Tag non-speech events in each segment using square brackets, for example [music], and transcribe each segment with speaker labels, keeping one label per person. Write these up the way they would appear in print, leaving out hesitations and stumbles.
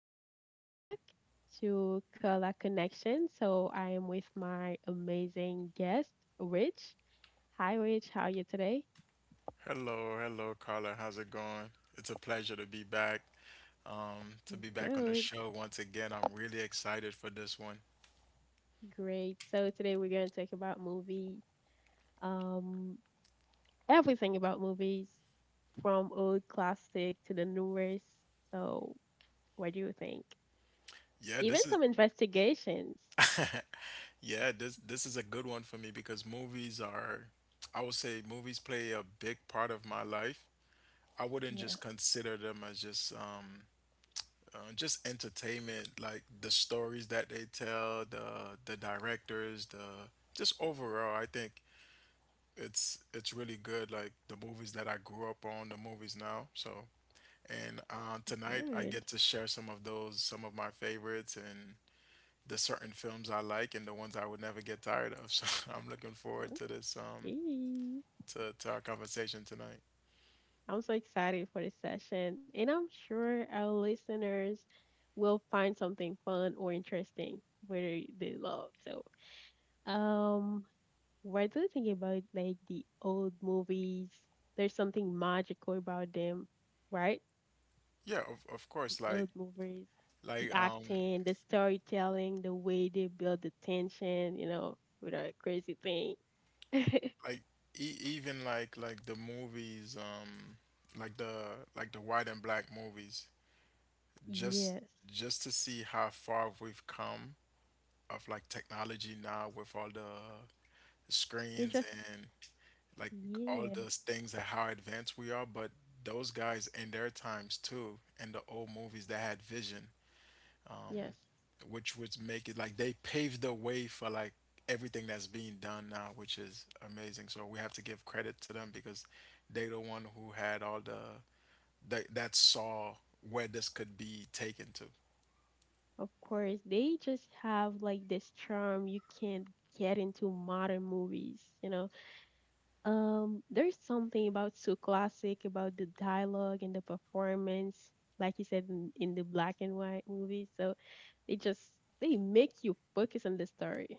Speaker 1: Welcome back to Color Connection. So, I am with my amazing guest, Rich. Hi, Rich. How are you today?
Speaker 2: Hello, hello, Carla. How's it going? It's a pleasure to be back. To
Speaker 1: You're
Speaker 2: be back on the
Speaker 1: good.
Speaker 2: show once again. I'm really excited for this one.
Speaker 1: Great. So, today we're going to talk about movie, um, everything about movies from old classic to the newest. So, what do you think?
Speaker 2: Yeah,
Speaker 1: Even
Speaker 2: this is
Speaker 1: some investigations.
Speaker 2: yeah, this is a good one for me because movies are, I would say movies play a big part of my life. I wouldn't
Speaker 1: Yeah.
Speaker 2: just consider them as just entertainment, like the stories that they tell, the directors, the just overall, I think it's really good. Like the movies that I grew up on, the movies now. So and tonight I
Speaker 1: Good.
Speaker 2: get to share some of those, some of my favorites, and the certain films I like, and the ones I would never get tired of. [laughs] So I'm looking forward to this,
Speaker 1: Okay.
Speaker 2: to our conversation tonight.
Speaker 1: I'm so excited for this session, and I'm sure our listeners will find something fun or interesting whether they love. So, um, what do you about like the old movies? There's something magical about them, right?
Speaker 2: Yeah, of course.
Speaker 1: Old movies, the
Speaker 2: Like um
Speaker 1: acting, the storytelling, the way they build the tension, you know, with a crazy thing.
Speaker 2: like like the movies like the like the white and black movies just
Speaker 1: Yes,
Speaker 2: just to see how far we've come of like technology now with all the
Speaker 1: they
Speaker 2: screens
Speaker 1: just,
Speaker 2: and like all
Speaker 1: yeah,
Speaker 2: those things and how advanced we are, but those guys in their times too, in the old movies that had vision, um,
Speaker 1: yes.
Speaker 2: which would make it like they paved the way for like everything that's being done now, which is amazing. So we have to give credit to them because they the one who had all the that saw where this could be taken to.
Speaker 1: Of course, they just have like this charm you can't get into modern movies, you know. There's something about so classic about the dialogue and the performance, like you said in the black and white movies. So they just they make you focus on the story.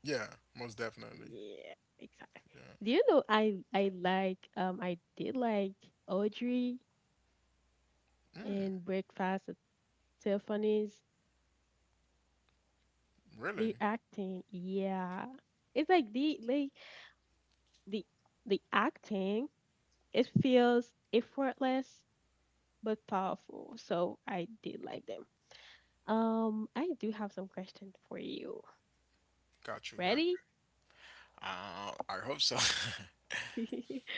Speaker 2: Yeah, most definitely.
Speaker 1: Yeah, exactly.
Speaker 2: Yeah.
Speaker 1: Do you know I like I did like Audrey
Speaker 2: Mm,
Speaker 1: in Breakfast at Tiffany's.
Speaker 2: really?
Speaker 1: The acting, yeah. It's like they like the the acting. It feels effortless but powerful, so I did like them. I do have some questions for you.
Speaker 2: Got you, got
Speaker 1: Ready?
Speaker 2: you. I hope so. [laughs]
Speaker 1: [laughs]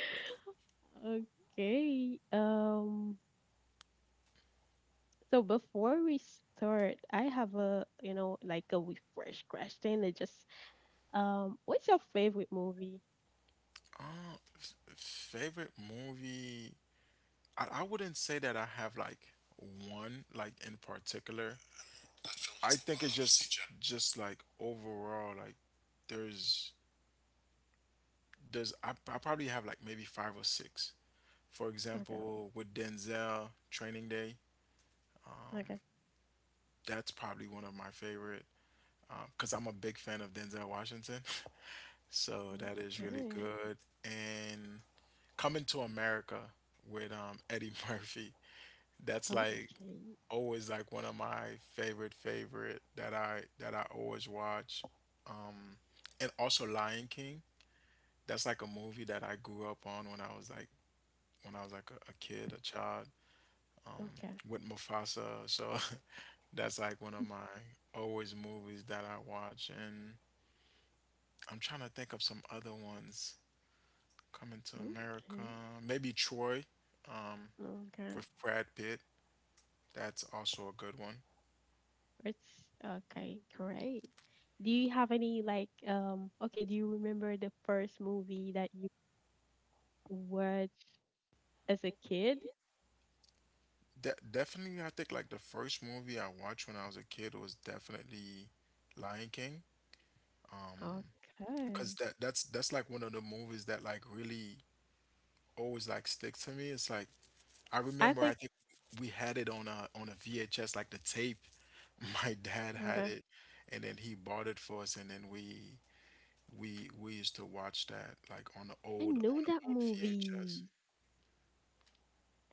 Speaker 1: Okay. So before we start, I have a, you know, like a refresh question. It just, what's your favorite movie?
Speaker 2: uh, Favorite movie? I wouldn't say that I have like one like in particular. I think it's just like overall like there's there's I probably have like maybe five or six. For
Speaker 1: okay
Speaker 2: example, with Denzel Training Day,
Speaker 1: okay
Speaker 2: that's probably one of my favorite because I'm a big fan of Denzel Washington, [laughs] so that is really
Speaker 1: okay
Speaker 2: good. And Coming to America with Eddie [laughs] Murphy. That's like
Speaker 1: okay
Speaker 2: always like one of my favorite that I always watch. Um, and also Lion King. That's like a movie that I grew up on when I was like a kid, a child. Um,
Speaker 1: okay
Speaker 2: with Mufasa. So [laughs] that's like one of my always movies that I watch. And I'm trying to think of some other ones. Coming to America,
Speaker 1: okay
Speaker 2: maybe Troy, um,
Speaker 1: okay
Speaker 2: with Brad Pitt. That's also a good one.
Speaker 1: It's okay, great. Do you have any like okay, do you remember the first movie that you watched as a kid?
Speaker 2: De- definitely, I think like the first movie I watched when I was a kid was definitely Lion King. Um, cause
Speaker 1: Okay.
Speaker 2: that's like one of the movies that like really always like sticks to me. It's like I remember
Speaker 1: I
Speaker 2: I
Speaker 1: think
Speaker 2: think we had it on a VHS like the tape. [laughs] My dad had
Speaker 1: okay.
Speaker 2: it, and then he bought it for us, and then we used to watch that like
Speaker 1: I
Speaker 2: on
Speaker 1: know that
Speaker 2: the old VHS.
Speaker 1: movie.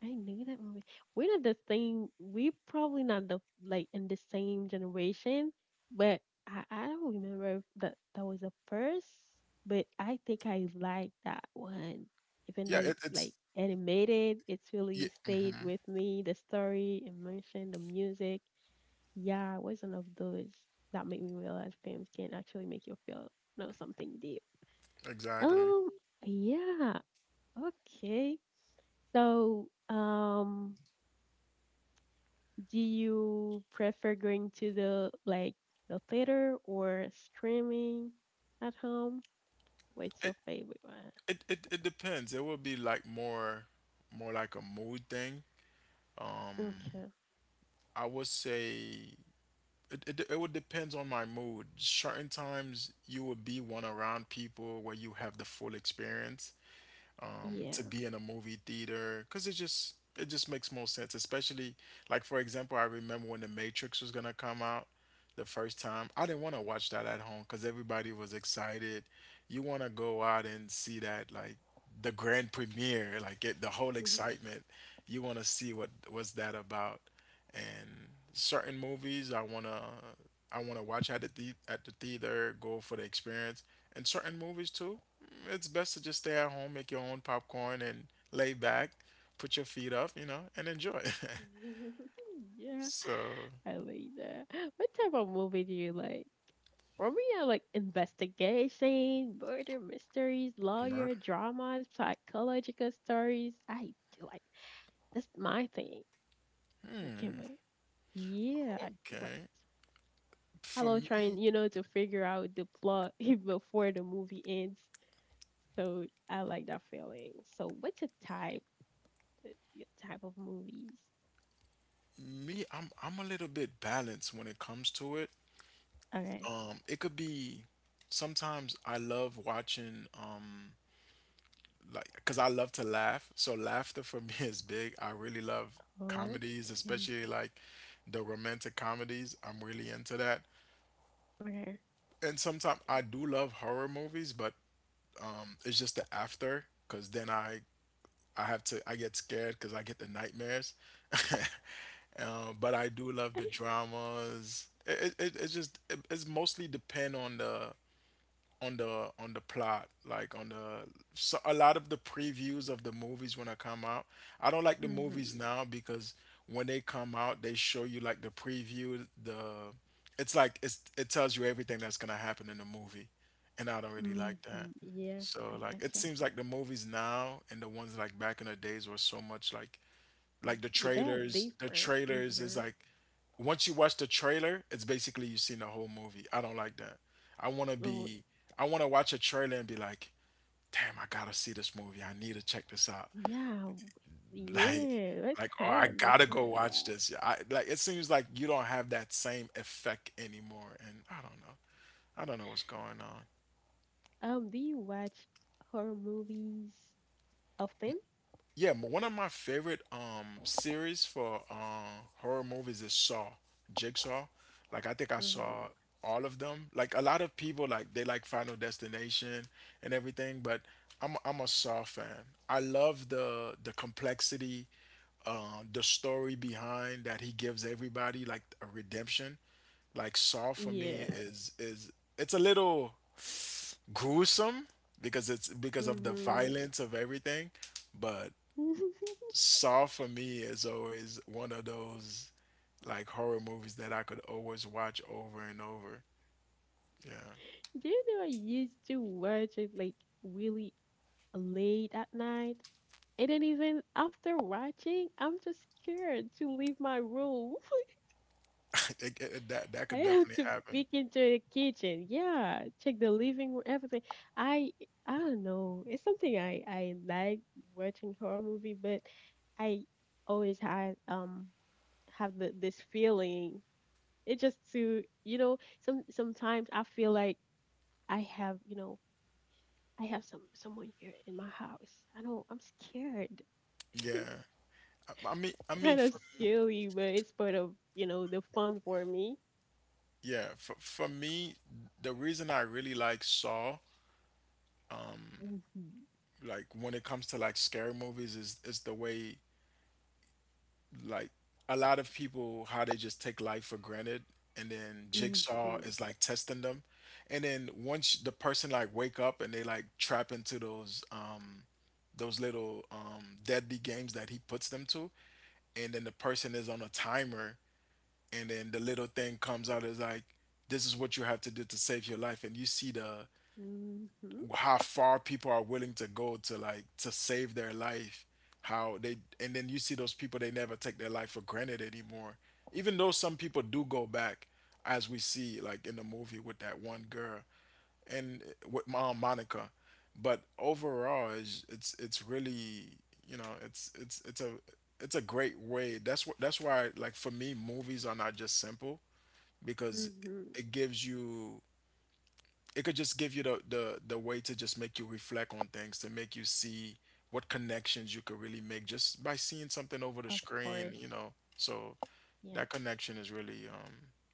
Speaker 1: I knew that movie. We're not the same. We probably not the like in the same generation, but I don't remember if that was the first. But I think I like that one, even
Speaker 2: Yeah,
Speaker 1: though
Speaker 2: it,
Speaker 1: it's
Speaker 2: it's
Speaker 1: like animated. It's
Speaker 2: yeah,
Speaker 1: really stayed
Speaker 2: hmm,
Speaker 1: with me. The story, emotion, the music. Yeah, it was one of those that made me realize films can actually make you feel, know something deep.
Speaker 2: exactly.
Speaker 1: Um. Yeah. Okay. So. Do you prefer going to the theater or streaming at home? What's your favorite one?
Speaker 2: It depends. It will be like more like a mood thing. Um,
Speaker 1: Okay.
Speaker 2: I would say it would depends on my mood. Certain times you will be one around people where you have the full experience,
Speaker 1: Yeah.
Speaker 2: to be in a movie theater because it just makes more sense. Especially like for example, I remember when The Matrix was gonna come out the first time. I didn't want to watch that at home because everybody was excited. You want to go out and see that like the grand premiere, like get the whole
Speaker 1: Okay.
Speaker 2: excitement. You want to see what was that about and certain movies I wanna watch at the at the theater, go for the experience, and certain movies too. It's best to just stay at home, make your own popcorn, and lay back, put your feet up, you know, and enjoy.
Speaker 1: [laughs] Yeah,
Speaker 2: [laughs] So
Speaker 1: I like that. What type of movie do you like? For me, I like investigation, murder mysteries, lawyer
Speaker 2: murder.
Speaker 1: dramas, psychological stories. I do like, that's my thing. Okay, but yeah, I do like
Speaker 2: Okay, for
Speaker 1: about trying,
Speaker 2: me,
Speaker 1: you know, to figure out the plot [laughs] before the movie ends. So I like that feeling. So what's a type, your type of movies?
Speaker 2: me, I'm a little bit balanced when it comes to it.
Speaker 1: Okay.
Speaker 2: It could be sometimes I love watching like because I love to laugh. So laughter for [laughs] me is big. I really love comedies,
Speaker 1: Okay.
Speaker 2: especially like the romantic comedies. I'm really into that.
Speaker 1: Okay.
Speaker 2: And sometimes I do love horror movies, but it's just the after because then I have to I get scared because I get the nightmares. [laughs] But I do love the
Speaker 1: [laughs]
Speaker 2: dramas. It, it's mostly depend on the on the plot like on the so a lot of the previews of the movies when I come out, I don't like the movies
Speaker 1: mhm.
Speaker 2: now because when they come out they show you like the preview the it's like it's, it tells you everything that's gonna happen in the movie and I don't really like
Speaker 1: Mhm.
Speaker 2: that.
Speaker 1: Yeah,
Speaker 2: So
Speaker 1: I
Speaker 2: like it
Speaker 1: gotcha.
Speaker 2: seems like the movies now and the ones like back in the days were so much like the
Speaker 1: Yeah, they are
Speaker 2: trailers
Speaker 1: different.
Speaker 2: is
Speaker 1: Mhm.
Speaker 2: like once you watch the trailer, it's basically you've seen the whole movie. I don't like that. I want to
Speaker 1: Oh,
Speaker 2: be, I want to watch a trailer and be like, damn, I gotta see this movie. I need to check this out. [laughs]
Speaker 1: yeah.
Speaker 2: Like,
Speaker 1: Yeah. Let's
Speaker 2: like, oh, I
Speaker 1: hide and we'll
Speaker 2: gotta go
Speaker 1: find
Speaker 2: watch
Speaker 1: out
Speaker 2: this. Yeah, I like. It seems like you don't have that same effect anymore, and I don't know. I don't know what's going on.
Speaker 1: that. Do you watch horror movies often?
Speaker 2: Yeah, one of my favorite series for horror movies is Saw, Jigsaw. Like I think I saw
Speaker 1: Mhm.
Speaker 2: all of them. Like a lot of people like they like Final Destination and everything, but I'm a Saw fan. I love the complexity, the story behind that he gives everybody like a redemption. Like Saw for me
Speaker 1: Yeah.
Speaker 2: is it's a little gruesome because it's because of the
Speaker 1: Mhm.
Speaker 2: violence of everything, but
Speaker 1: [laughs]
Speaker 2: Saw for me is always one of those like horror movies that I could always watch over and over. Yeah,
Speaker 1: Do you know I used to watch it like really late at night? And then even after watching, I'm just scared to leave my room.
Speaker 2: [laughs] that that
Speaker 1: [laughs] I
Speaker 2: could
Speaker 1: have
Speaker 2: definitely
Speaker 1: to
Speaker 2: happen.
Speaker 1: peek into the kitchen. Yeah, check the living room, everything. I I don't know. It's something I like watching horror movie, but I always had have this feeling. It just to, you know, sometimes I feel like I have, you know, I have someone here in my house. I know I'm scared. [laughs] It's
Speaker 2: Yeah, I mean,
Speaker 1: kind of silly, but it's part of, you know, the fun for me.
Speaker 2: yeah, for me, the reason I really like Saw,
Speaker 1: Mhm,
Speaker 2: like when it comes to like scary movies, is the way like a lot of people how they just take life for granted, and then Jigsaw
Speaker 1: mhm,
Speaker 2: is like testing them, and then once the person like wake up and they like trap into those little deadly games that he puts them to, and then the person is on a timer, and then the little thing comes out is like, this is what you have to do to save your life, and you see the
Speaker 1: mhm,
Speaker 2: how far people are willing to go to like to save their life, and then you see those people they never take their life for granted anymore, even though some people do go back, as we see like in the movie with that one girl and with Mom Monica. But overall, it's really you know it's a great way. That's what that's why like for me, movies are not just simple because
Speaker 1: mhm.
Speaker 2: it gives you it could just give you the way to just make you reflect on things to make you see what connections you could really make just by seeing something over the
Speaker 1: Of
Speaker 2: screen.
Speaker 1: course,
Speaker 2: You know, so
Speaker 1: yeah.
Speaker 2: that connection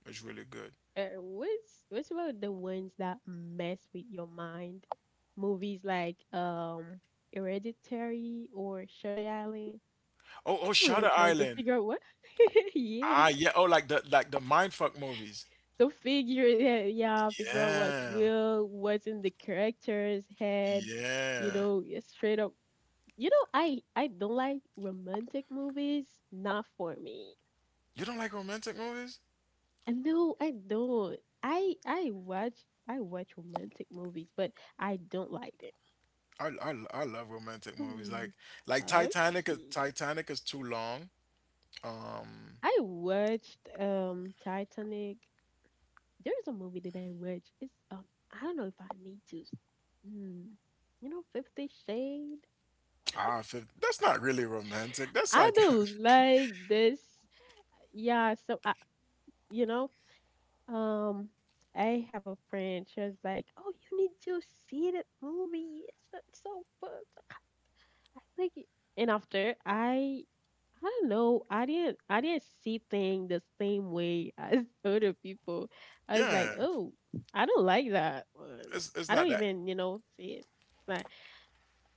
Speaker 2: is really good.
Speaker 1: What's about the ones that mess with your mind? Movies like Hereditary or Shutter Island.
Speaker 2: Oh,
Speaker 1: Hello,
Speaker 2: Shutter
Speaker 1: trying to
Speaker 2: Island.
Speaker 1: figure out what. [laughs] Yeah.
Speaker 2: Ah yeah. Oh like the mindfuck movies.
Speaker 1: So figure, figure out what's
Speaker 2: Yeah,
Speaker 1: real, what's in the character's head, you
Speaker 2: yeah.
Speaker 1: know, yeah, straight up. You know, I don't like romantic movies, not for me.
Speaker 2: You don't like romantic movies?
Speaker 1: And no, I don't. I watch romantic movies, but I don't like it.
Speaker 2: I love romantic movies. Like
Speaker 1: [laughs]
Speaker 2: Titanic.
Speaker 1: Okay.
Speaker 2: Titanic is too long.
Speaker 1: I watched Titanic. There's a movie that I watched. It's I don't know if I need to. Hmm. You know, 50 Shade.
Speaker 2: Ah,
Speaker 1: [laughs]
Speaker 2: that's not really romantic. That's
Speaker 1: I
Speaker 2: like,
Speaker 1: do not like this. Yeah, so I, you know, um, I have a friend. She was like, "Oh, you need to see that movie. It's it's so fun. I like it." And after I don't know. I didn't see things the same way as [laughs] other people.
Speaker 2: [laughs]
Speaker 1: I was
Speaker 2: yeah,
Speaker 1: like, "Oh, I don't like that one.
Speaker 2: it's
Speaker 1: I
Speaker 2: not
Speaker 1: don't
Speaker 2: that.
Speaker 1: even, you know, see it. It's not,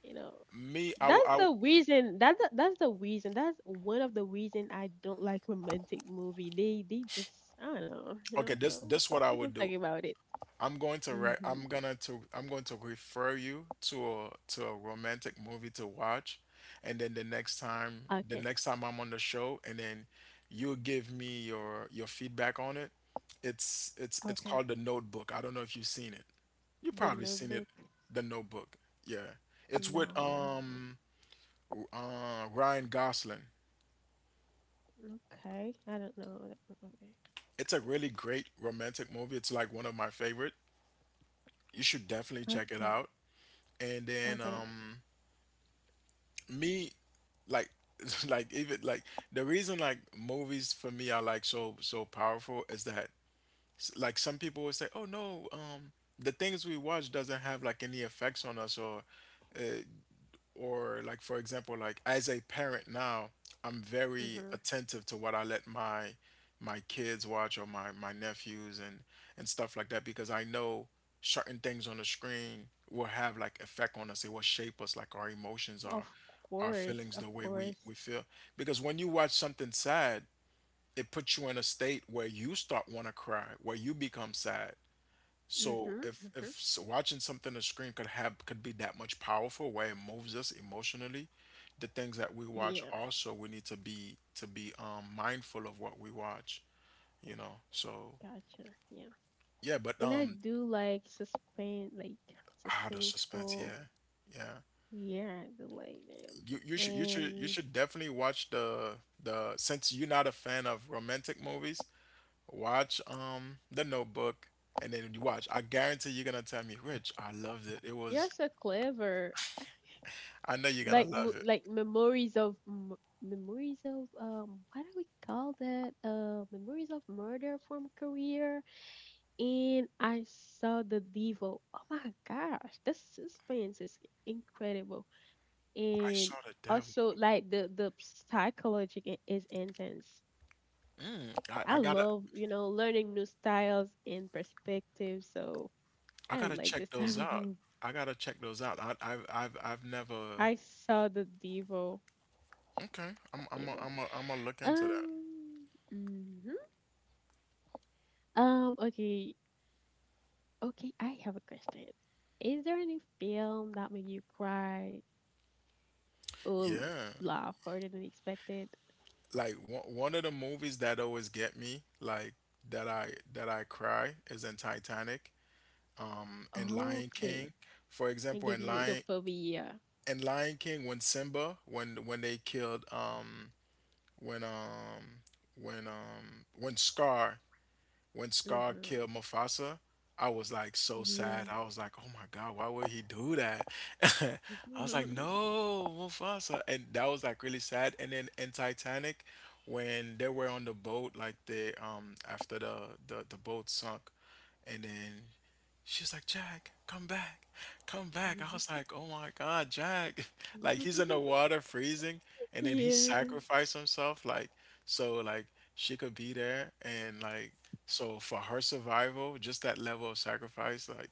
Speaker 1: you know."
Speaker 2: Me,
Speaker 1: That's
Speaker 2: I
Speaker 1: the
Speaker 2: w-
Speaker 1: reason. That's the reason. That's one of the reason I don't like romantic movie. They just I don't know, you know.
Speaker 2: Okay.
Speaker 1: So
Speaker 2: This what I
Speaker 1: let's not
Speaker 2: would
Speaker 1: talk
Speaker 2: do.
Speaker 1: about it. Mhm.
Speaker 2: I'm going to refer you to a romantic movie to watch, and then the
Speaker 1: Okay.
Speaker 2: next time I'm on the show, and then you give me your feedback on it. It's
Speaker 1: Okay.
Speaker 2: called The Notebook. I don't know if you've seen it. You
Speaker 1: The
Speaker 2: probably seen it,
Speaker 1: Notebook.
Speaker 2: The Notebook. Yeah, it's with
Speaker 1: No, I don't know.
Speaker 2: Ryan Gosling.
Speaker 1: Okay. I don't know. Okay.
Speaker 2: It's a really great romantic movie. It's like one of my favorite. You should definitely check it
Speaker 1: Okay.
Speaker 2: out. And then
Speaker 1: Okay.
Speaker 2: me like [laughs] like even like the reason movies for me are so so powerful is that some people will say, oh no, the things we watch doesn't have like any effects on us uh, or like, for example, like as a parent now, I'm very
Speaker 1: Mhm.
Speaker 2: attentive to what I let my kids watch, or my nephews and stuff like that, because I know certain things on the screen will have like effect on us. It will shape us, like our emotions,
Speaker 1: Of
Speaker 2: our
Speaker 1: course.
Speaker 2: feelings, the
Speaker 1: Of
Speaker 2: way we
Speaker 1: course.
Speaker 2: feel. Because when you watch something sad, it puts you in a state where you start want to cry, where you become sad. So
Speaker 1: Mhm.
Speaker 2: if if
Speaker 1: Mhm.
Speaker 2: s- watching something on screen could be that much powerful where it moves us emotionally, the things that we watch
Speaker 1: Yeah.
Speaker 2: also, we need to be mindful of what we watch, you know. So
Speaker 1: Gotcha. Yeah.
Speaker 2: yeah, but
Speaker 1: And I
Speaker 2: um
Speaker 1: do like suspense, like
Speaker 2: ah, the suspense,
Speaker 1: suspenseful.
Speaker 2: yeah. Yeah.
Speaker 1: Yeah, the them.
Speaker 2: You should you should you
Speaker 1: And
Speaker 2: should definitely watch the since you're not a fan of romantic movies, watch The Notebook, and then you watch. I guarantee you're gonna tell me, Rich, I loved it. It was,
Speaker 1: they're so clever.
Speaker 2: I know you're
Speaker 1: Like
Speaker 2: gonna love it.
Speaker 1: memories of memories of what do we call that? Memories of murder from Korea. And I saw the Devo. Oh my gosh, the suspense is incredible.
Speaker 2: I
Speaker 1: And
Speaker 2: saw the devil.
Speaker 1: also like the psychology is intense.
Speaker 2: Mm. I, I
Speaker 1: I
Speaker 2: gotta
Speaker 1: love, you know, learning new styles and perspectives. So
Speaker 2: I
Speaker 1: I
Speaker 2: gotta
Speaker 1: like
Speaker 2: check
Speaker 1: this type
Speaker 2: those
Speaker 1: of
Speaker 2: out.
Speaker 1: movie.
Speaker 2: I gotta check those out. I've never.
Speaker 1: I saw the Devo.
Speaker 2: Okay, I'm I'm a,
Speaker 1: Devo.
Speaker 2: I'm a, I'm gonna look into that.
Speaker 1: Um. mhm. Okay. Okay. I have a question. Is there any film that made you cry or
Speaker 2: Yeah,
Speaker 1: laugh harder than expected?
Speaker 2: like one of the movies that always get me, like that I cry is in Titanic, in Lion King,
Speaker 1: Okay.
Speaker 2: for
Speaker 1: And
Speaker 2: example,
Speaker 1: give you the phobia.
Speaker 2: In Lion King, when Simba, when they killed when um when Scar, when Scar
Speaker 1: Mm-hmm.
Speaker 2: killed Mufasa, I was like so sad.
Speaker 1: Yeah.
Speaker 2: I was like, oh my God, why would he do that? [laughs] I was like,
Speaker 1: [laughs]
Speaker 2: no, Mufasa. And that was like really sad. And then in Titanic, when they were on the boat, like they after the boat sunk, and then she was like, Jack, come back, come back. I was like, oh my God, Jack. [laughs] Like he's in the water freezing, and then he
Speaker 1: Yeah.
Speaker 2: sacrificed himself, like so like she could be there, and like so for her survival, just that level of sacrifice, like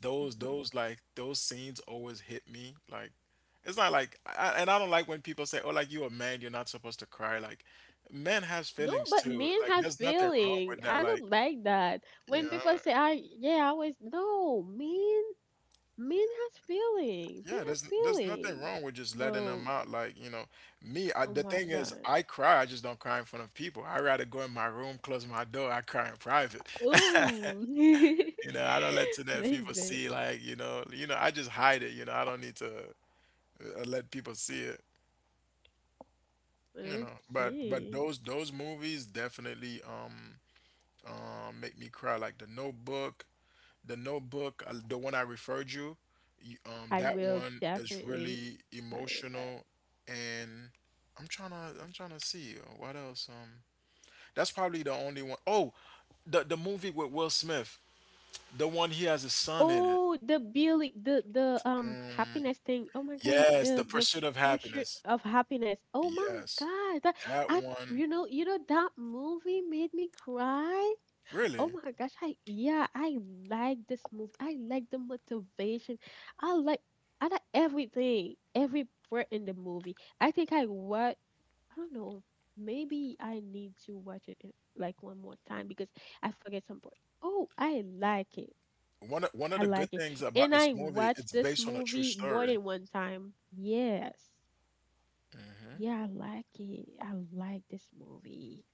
Speaker 2: those scenes always hit me. Like it's not like I, and I don't like when people say, oh, like you a man, you're not supposed to cry. Like men has
Speaker 1: No,
Speaker 2: feelings
Speaker 1: but
Speaker 2: too.
Speaker 1: men
Speaker 2: Like
Speaker 1: has
Speaker 2: there's nothing wrong
Speaker 1: feeling.
Speaker 2: with that.
Speaker 1: I
Speaker 2: Like,
Speaker 1: don't like that.
Speaker 2: you
Speaker 1: When
Speaker 2: know.
Speaker 1: people say, "I, yeah, I was, no men Men has feeling. They
Speaker 2: Yeah,
Speaker 1: have
Speaker 2: there's nothing
Speaker 1: feeling.
Speaker 2: wrong with just letting
Speaker 1: So,
Speaker 2: them out. Like, you know, me, I,
Speaker 1: oh
Speaker 2: the
Speaker 1: my
Speaker 2: thing is,
Speaker 1: god.
Speaker 2: I cry. I just don't cry in front of people. I rather go in my room, close my door. I cry in private. [laughs]
Speaker 1: Ooh.
Speaker 2: You know, I don't let to
Speaker 1: [laughs]
Speaker 2: let people
Speaker 1: Like that.
Speaker 2: see. Like, you know, I just hide it. You know, I don't need to let people see it. You know, but
Speaker 1: Okay.
Speaker 2: those movies definitely make me cry. Like The Notebook, The Notebook, the one I referred you,
Speaker 1: I
Speaker 2: that
Speaker 1: will
Speaker 2: one is
Speaker 1: definitely
Speaker 2: really
Speaker 1: try that.
Speaker 2: emotional, and I'm trying to see, what else. That's probably the only one. Oh, the movie with Will Smith, the one he has a son in it.
Speaker 1: Oh, the Billy, the
Speaker 2: Mm,
Speaker 1: happiness thing. Oh my gosh,
Speaker 2: yes, The
Speaker 1: the
Speaker 2: Pursuit of
Speaker 1: pursuit
Speaker 2: Happiness.
Speaker 1: of happiness. Oh my
Speaker 2: Yes,
Speaker 1: god, that
Speaker 2: that
Speaker 1: I,
Speaker 2: one
Speaker 1: you know, that movie made me cry.
Speaker 2: really.
Speaker 1: Oh my gosh, I yeah, I like this movie. I like the motivation. I like I like everything, every part in the movie. I think I what I don't know. Maybe I need to watch it in like one more time because I forget some part. Oh, I like it.
Speaker 2: One of
Speaker 1: I
Speaker 2: the good
Speaker 1: like it.
Speaker 2: things about
Speaker 1: And
Speaker 2: this
Speaker 1: I
Speaker 2: movie,
Speaker 1: watched
Speaker 2: it's
Speaker 1: this
Speaker 2: based on a true
Speaker 1: movie more
Speaker 2: story.
Speaker 1: than one time. Yes. Yeah, I like it. I like this movie.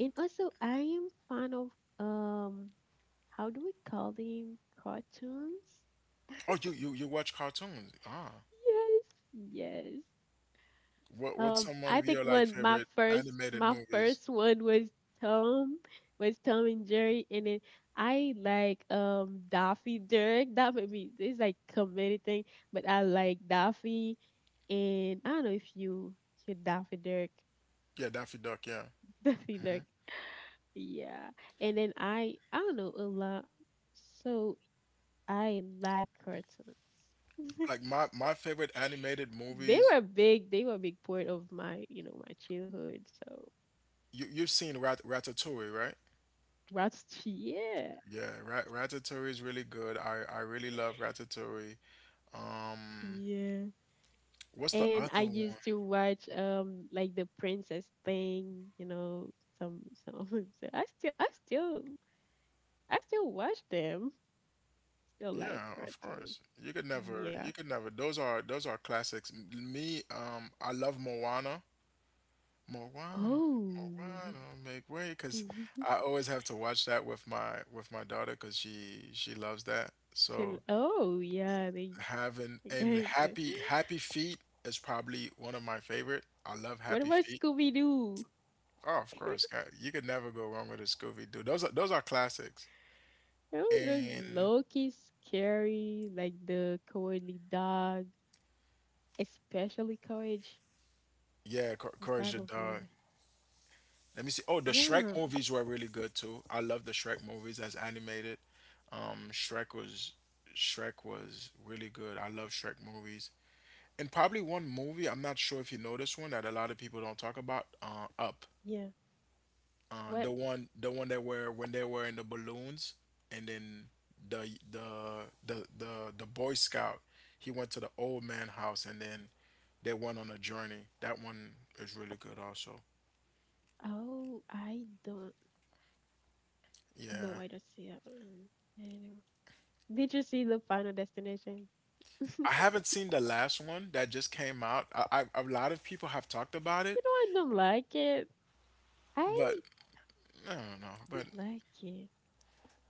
Speaker 1: And also, I am fan of, um, how do we call them? Cartoons?
Speaker 2: Oh, you watch cartoons? Ah,
Speaker 1: Yes, yes.
Speaker 2: What what's some
Speaker 1: I
Speaker 2: of your
Speaker 1: think
Speaker 2: like
Speaker 1: one,
Speaker 2: favorite animated
Speaker 1: my
Speaker 2: movies?
Speaker 1: first one was Tom Tom and Jerry, and then I like Daffy Duck. That may be it's like comedy thing, but I like Daffy, and I don't know if you, you Daffy Duck.
Speaker 2: Yeah, Daffy Duck, yeah.
Speaker 1: [laughs] Daffy Duck. Yeah, and then I don't know a lot. So I like cartoons.
Speaker 2: Like
Speaker 1: [laughs]
Speaker 2: my favorite animated
Speaker 1: They
Speaker 2: movies,
Speaker 1: were big. They were a big part of my, you know, my childhood. So
Speaker 2: you've seen Ratatouille, right?
Speaker 1: Rugrats, [laughs] yeah,
Speaker 2: Yeah, Ratatouille is really good. I really love Ratatouille. Um,
Speaker 1: yeah.
Speaker 2: what's the
Speaker 1: And I
Speaker 2: other one?
Speaker 1: used to watch like the princess thing, you know, some. [laughs] So I still watch them. Still like
Speaker 2: Yeah, of
Speaker 1: cartoon.
Speaker 2: course.
Speaker 1: Yeah.
Speaker 2: You could never. Those are classics. M- Me, I love Moana. Moana,
Speaker 1: Oh.
Speaker 2: Moana, make way, because I always have to watch that with my daughter, because she loves that.
Speaker 1: [laughs] Shall-
Speaker 2: So
Speaker 1: oh yeah. They.
Speaker 2: having and
Speaker 1: [laughs]
Speaker 2: happy Happy Feet is probably one of my favorite. I love
Speaker 1: What
Speaker 2: Happy
Speaker 1: about
Speaker 2: Feet.
Speaker 1: Scooby Doo?
Speaker 2: Oh, of course, God, you could never go wrong with a Scooby Doo. Those are classics.
Speaker 1: It was just
Speaker 2: And
Speaker 1: low key scary, like the cowardly dog, especially Courage,
Speaker 2: yeah, Cour-
Speaker 1: this
Speaker 2: Courage
Speaker 1: type
Speaker 2: the
Speaker 1: of
Speaker 2: Dog.
Speaker 1: movie.
Speaker 2: Let me see. Oh, the Shrek
Speaker 1: Yeah,
Speaker 2: movies were really good too. I love the Shrek movies as animated. Um, Shrek was Shrek was really good. I love Shrek movies. And probably one movie I'm not sure if you know this one, that a lot of people don't talk about. Up.
Speaker 1: yeah. What?
Speaker 2: The one that were when they were in the balloons, and then the the the the the Boy Scout, he went to the old man house, and then they went on a journey. That one is really good also.
Speaker 1: Oh, I don't. No,
Speaker 2: Yeah.
Speaker 1: I don't see that one. Anyway. Did you see the Final Destination?
Speaker 2: I haven't seen the last one that just came out. A lot of people have talked about it,
Speaker 1: You know, I don't like it.
Speaker 2: but
Speaker 1: I
Speaker 2: I don't know.
Speaker 1: I don't
Speaker 2: But
Speaker 1: like it.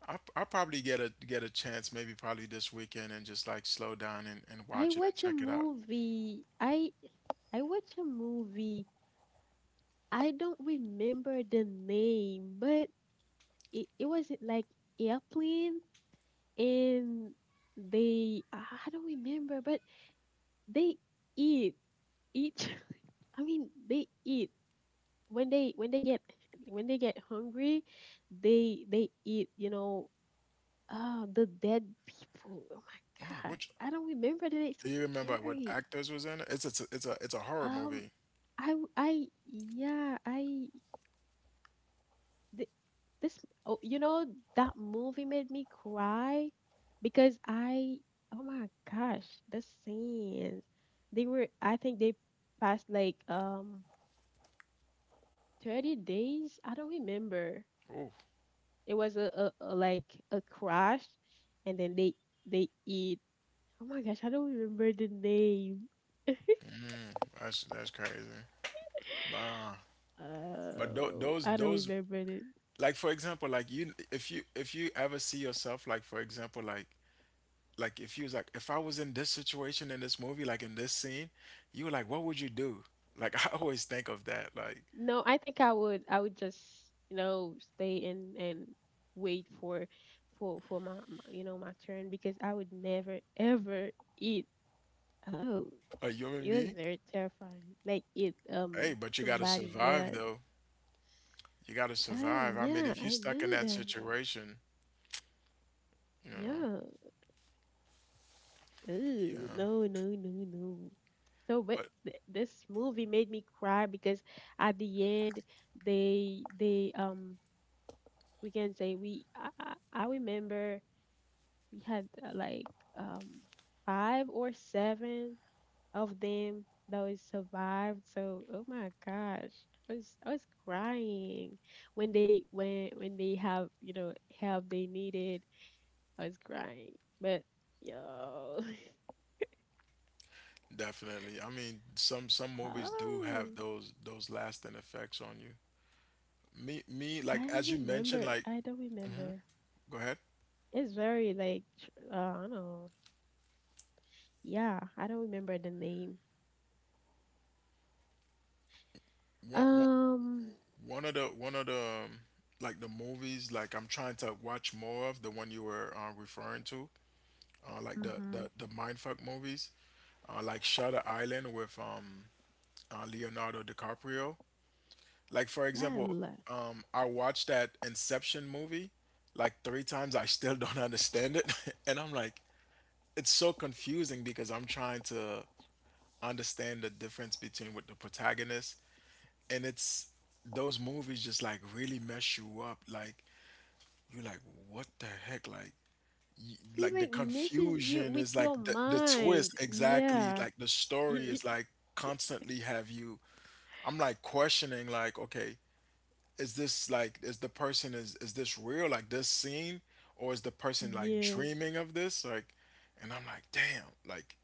Speaker 2: I'll probably get a chance, maybe probably this weekend, and just like slow down and
Speaker 1: I
Speaker 2: watch it and
Speaker 1: watch a
Speaker 2: check it out.
Speaker 1: movie. I I watch a movie. I don't remember the name, but it wasn't like airplane, and they I don't remember, but they eat each. [laughs] I mean, they eat when they when they get hungry, they eat. You know, the dead people. Oh my
Speaker 2: Oh,
Speaker 1: gosh,
Speaker 2: which
Speaker 1: I don't remember that. It's so
Speaker 2: do you remember what
Speaker 1: scary.
Speaker 2: actors was in it? It's a horror
Speaker 1: Um,
Speaker 2: movie.
Speaker 1: I w- I yeah I Th- this oh, you know, that movie made me cry because I, oh my gosh, the scenes, they were I think they passed like 30 days, I don't remember.
Speaker 2: Oh,
Speaker 1: It was a, a like a crash, and then they eat. Oh my gosh, I don't remember the name. [laughs]
Speaker 2: that's crazy. Uh, but tho-
Speaker 1: Oh,
Speaker 2: those
Speaker 1: I don't
Speaker 2: those
Speaker 1: remember it.
Speaker 2: like, for example, like you, if you ever see yourself, like, for example, like if I was in this situation in this movie, like in this scene, you were like, what would you do? Like, [laughs] I always think of that, like
Speaker 1: No, I think I would just, you know, stay and wait for for my, my, you know, my turn, because I would never ever eat. Oh,
Speaker 2: a human
Speaker 1: it was
Speaker 2: being.
Speaker 1: very terrifying. Like eat,
Speaker 2: Hey, but you gotta
Speaker 1: somebody
Speaker 2: survive
Speaker 1: else.
Speaker 2: though. You gotta
Speaker 1: Ah
Speaker 2: survive. I mean,
Speaker 1: yeah,
Speaker 2: if you're
Speaker 1: I
Speaker 2: stuck in
Speaker 1: know
Speaker 2: that
Speaker 1: that.
Speaker 2: situation, you know,
Speaker 1: Yeah. Oh,
Speaker 2: yeah.
Speaker 1: no, no, no, no. So but
Speaker 2: But
Speaker 1: this movie made me cry because at the end they we can say we I remember we had, like um 5 or 7 of them that was survived. So oh my gosh. I was crying when they when they have, you know, help they needed. I was crying. But yo
Speaker 2: definitely, I mean, some movies do
Speaker 1: [laughs]
Speaker 2: have
Speaker 1: oh
Speaker 2: those lasting effects on you. Me me like
Speaker 1: I
Speaker 2: as you mentioned,
Speaker 1: remember
Speaker 2: like
Speaker 1: I don't remember.
Speaker 2: go ahead.
Speaker 1: It's very like I don't know. Yeah, I don't remember the name.
Speaker 2: One
Speaker 1: Um
Speaker 2: One of the um, like the movies, like I'm trying to watch more of the one you were, referring to, like the the
Speaker 1: mhm.
Speaker 2: the mindfuck movies, like Shutter Island with Leonardo DiCaprio. Like, for
Speaker 1: Yeah, I,
Speaker 2: example,
Speaker 1: lo-
Speaker 2: I watched that Inception movie like three times. I still don't [laughs] understand it, [laughs] and I'm like, it's so confusing because I'm trying to understand the difference between with the protagonist, and it's those movies just like really mess you up. Like you're like, what the heck? Like, y
Speaker 1: She
Speaker 2: like the
Speaker 1: like misses you
Speaker 2: confusion
Speaker 1: with
Speaker 2: is like
Speaker 1: your
Speaker 2: the twist
Speaker 1: mind.
Speaker 2: exactly.
Speaker 1: Yeah.
Speaker 2: Like the
Speaker 1: [laughs]
Speaker 2: story is like constantly have you. I'm like questioning. Like, okay, is this like is the person is this real? Like, this scene, or is the person like
Speaker 1: Yeah.
Speaker 2: dreaming of this? Like, and I'm like, damn, like.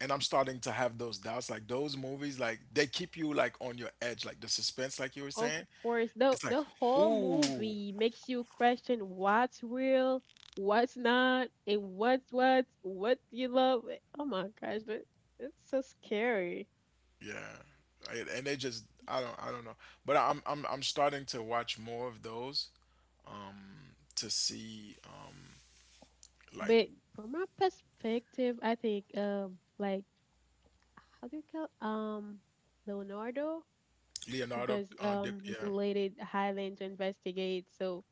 Speaker 2: And I'm starting to have those doubts. Like those movies, like they keep you like on your edge. Like the suspense, like you were
Speaker 1: Of
Speaker 2: saying.
Speaker 1: course. The
Speaker 2: It's like,
Speaker 1: the whole
Speaker 2: ooh,
Speaker 1: movie makes you question what's real, what's not, and what's what you love. Like, oh my gosh, but it's so scary.
Speaker 2: yeah, and they just I don't know, but I'm starting to watch more of those to see like
Speaker 1: But from my perspective, I think like how do you call Leonardo?
Speaker 2: Leonardo,
Speaker 1: Because
Speaker 2: Dip,
Speaker 1: he's
Speaker 2: yeah,
Speaker 1: related Highland to investigate. So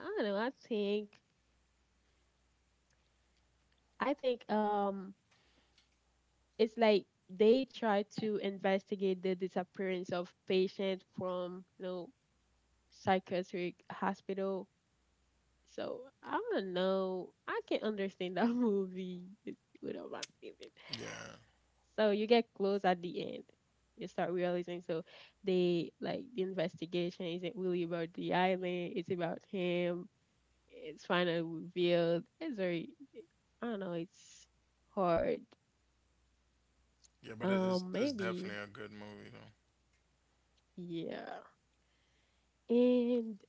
Speaker 1: I don't know, I think it's like they try to investigate the disappearance of patients from psychiatric hospital. So I don't know. I can understand that [laughs] movie. It's one of my favorite.
Speaker 2: yeah,
Speaker 1: So you get close at the end. You start realizing so they, like, the investigation isn't really about the island, it's about him. It's finally revealed. It's very, I don't know, it's hard.
Speaker 2: yeah, but it is, it's
Speaker 1: Maybe.
Speaker 2: definitely a good movie though.
Speaker 1: Yeah. And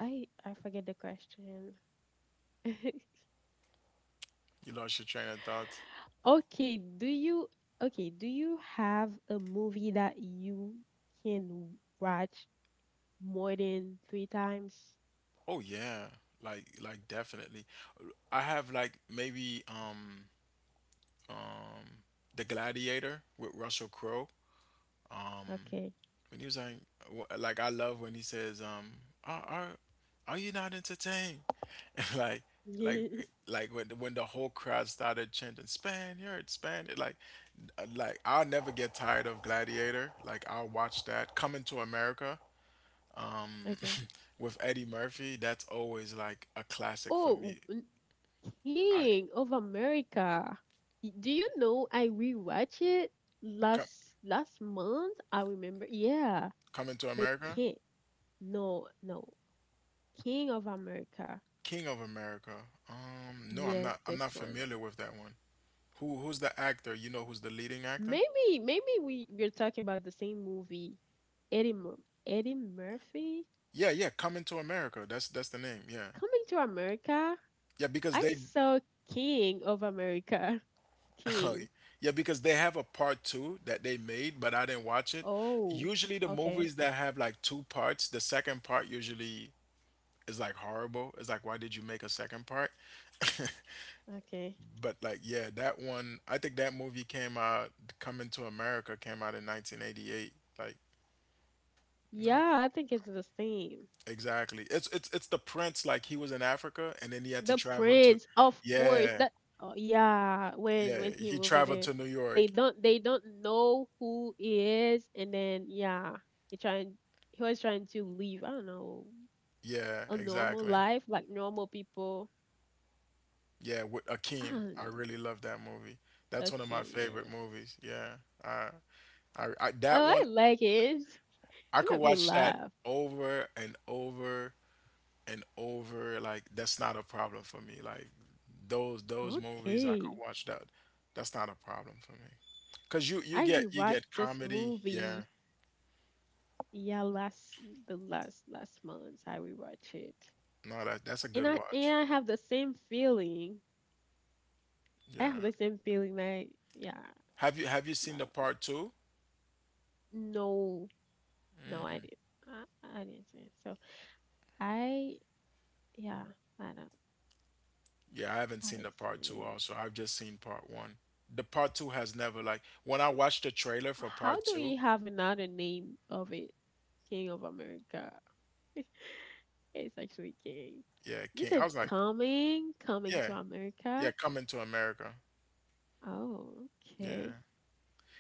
Speaker 1: I forget the question. [laughs]
Speaker 2: You lost your train of thought.
Speaker 1: Okay, do you okay, do you have a movie that you can watch more than three times?
Speaker 2: Oh yeah, like definitely. I have like maybe um The Gladiator with Russell Crowe. Um,
Speaker 1: Okay.
Speaker 2: when he was like, like I love when he says, are are you not entertained? [laughs] like like
Speaker 1: [laughs]
Speaker 2: like when when the whole crowd started chanting Spaniard, Spaniard, like, like I'll never get tired of Gladiator. Like I'll watch that. Coming to America, um
Speaker 1: Okay.
Speaker 2: [laughs] with Eddie Murphy. That's always like a classic for me.
Speaker 1: Oh,
Speaker 2: I
Speaker 1: King of America. Do you know I rewatched it
Speaker 2: come
Speaker 1: last month? I remember. Yeah,
Speaker 2: Coming to
Speaker 1: the
Speaker 2: America,
Speaker 1: King. No, no. King of America.
Speaker 2: King of America. Um, no,
Speaker 1: Yes,
Speaker 2: I'm
Speaker 1: this
Speaker 2: not
Speaker 1: one.
Speaker 2: familiar with that one. Who's the actor? You know who's the leading actor?
Speaker 1: Maybe, we're talking about the same movie. Eddie Mur Eddie Murphy.
Speaker 2: Yeah, yeah, Coming to America. That's the name. Yeah.
Speaker 1: Coming to America.
Speaker 2: Yeah, because
Speaker 1: I
Speaker 2: they
Speaker 1: saw King of America. [laughs]
Speaker 2: [laughs] oh,
Speaker 1: King.
Speaker 2: yeah, because they have a part two that they made, but I didn't watch it.
Speaker 1: Oh,
Speaker 2: Usually, the
Speaker 1: okay,
Speaker 2: movies that have like two parts, the second part usually is like horrible. It's like, why did you make a second part? [laughs]
Speaker 1: okay.
Speaker 2: But like, yeah, that one, I think that movie came out, Coming to America came out in 1988. Like, like
Speaker 1: Yeah, I think it's the same.
Speaker 2: exactly. It's the prince. Like he was in Africa, and then he had to
Speaker 1: The
Speaker 2: travel to,
Speaker 1: Prince, of course.
Speaker 2: yeah,
Speaker 1: That, oh yeah, when when
Speaker 2: yeah.
Speaker 1: he
Speaker 2: He
Speaker 1: moving
Speaker 2: traveled
Speaker 1: in,
Speaker 2: to New
Speaker 1: they
Speaker 2: York.
Speaker 1: don't they don't know who he is, and then yeah, he trying he was trying to leave. I don't know,
Speaker 2: Yeah,
Speaker 1: a normal
Speaker 2: exactly.
Speaker 1: life, like normal people.
Speaker 2: Yeah, with
Speaker 1: I
Speaker 2: Akeem.
Speaker 1: don't
Speaker 2: I
Speaker 1: know.
Speaker 2: really love that movie. That's one of my
Speaker 1: Akim,
Speaker 2: favorite
Speaker 1: yes.
Speaker 2: movies. Yeah. I, I that
Speaker 1: Oh, I
Speaker 2: one
Speaker 1: like it. [laughs]
Speaker 2: I
Speaker 1: It
Speaker 2: could
Speaker 1: made me
Speaker 2: watch that
Speaker 1: laugh.
Speaker 2: over and over and over. Like that's not a problem for me. Like those movies I could
Speaker 1: Okay.
Speaker 2: watch that. That's not a problem for me. Cause you
Speaker 1: I
Speaker 2: get
Speaker 1: rewatched this
Speaker 2: comedy. Yeah.
Speaker 1: movie. Yeah, last the last last month I rewatched it.
Speaker 2: No, that that's a
Speaker 1: And
Speaker 2: good
Speaker 1: I
Speaker 2: watch.
Speaker 1: and I have the same feeling. I have
Speaker 2: Yeah.
Speaker 1: the same feeling, like, yeah,
Speaker 2: Have you seen the
Speaker 1: love.
Speaker 2: part two?
Speaker 1: No, no, I didn't. I didn't see it. So I yeah, I don't
Speaker 2: Yeah, I haven't
Speaker 1: I
Speaker 2: seen
Speaker 1: haven't
Speaker 2: the part
Speaker 1: seen
Speaker 2: two
Speaker 1: it.
Speaker 2: also. I've just seen part one. The part two has never, like when I watched the trailer for
Speaker 1: How
Speaker 2: part
Speaker 1: do
Speaker 2: two,
Speaker 1: we have another name of it? King of America. [laughs] It's actually King.
Speaker 2: yeah,
Speaker 1: You
Speaker 2: King. I
Speaker 1: said
Speaker 2: was like,
Speaker 1: coming
Speaker 2: yeah,
Speaker 1: to
Speaker 2: yeah,
Speaker 1: America.
Speaker 2: coming to America.
Speaker 1: Oh, okay.
Speaker 2: Yeah.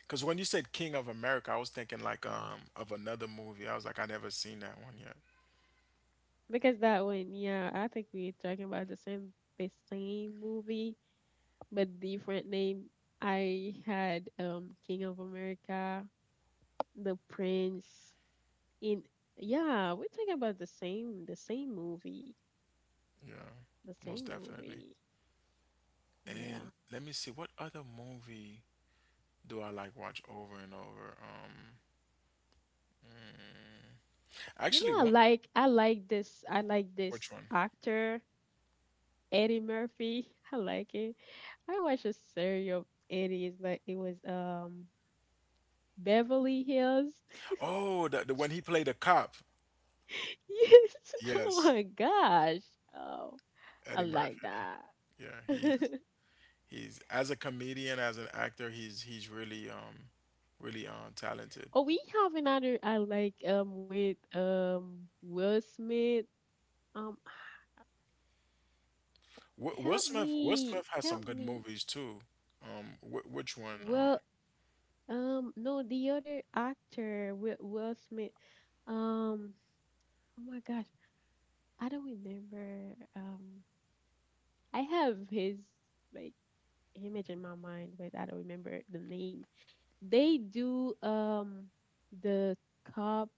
Speaker 2: Cause when you said King of America, I was thinking like of another movie. I was like, I never seen that one yet.
Speaker 1: Because that one, yeah, I think we're talking about the same movie, but different name. I had King of America, The Prince. In Yeah, we're talking about the same movie,
Speaker 2: Yeah,
Speaker 1: the
Speaker 2: most
Speaker 1: same
Speaker 2: definitely.
Speaker 1: movie.
Speaker 2: And
Speaker 1: Yeah.
Speaker 2: let me see, what other movie do I like watch over and over?
Speaker 1: You
Speaker 2: Actually,
Speaker 1: know, I
Speaker 2: one.
Speaker 1: like I like this I like
Speaker 2: Which
Speaker 1: this
Speaker 2: one?
Speaker 1: actor, Eddie Murphy. [laughs] I like it. I watched a series of Eddie's, but it was Beverly Hills. [laughs]
Speaker 2: Oh, the when he played a cop.
Speaker 1: Yes. [laughs] Oh
Speaker 2: Yes,
Speaker 1: my gosh. Oh, I
Speaker 2: Eddie Murphy.
Speaker 1: like that.
Speaker 2: Yeah,
Speaker 1: [laughs]
Speaker 2: he's as a comedian, as an actor, he's really really talented.
Speaker 1: Oh, we have another I like with Will Smith. Um,
Speaker 2: Will
Speaker 1: Help
Speaker 2: Smith, Will Smith
Speaker 1: me,
Speaker 2: has some
Speaker 1: help
Speaker 2: good
Speaker 1: me.
Speaker 2: movies too. Which one?
Speaker 1: Will No, the other actor, Will Smith. Um, oh my gosh, I don't remember. I have his, like, image in my mind, but I don't remember the name. They do the cop.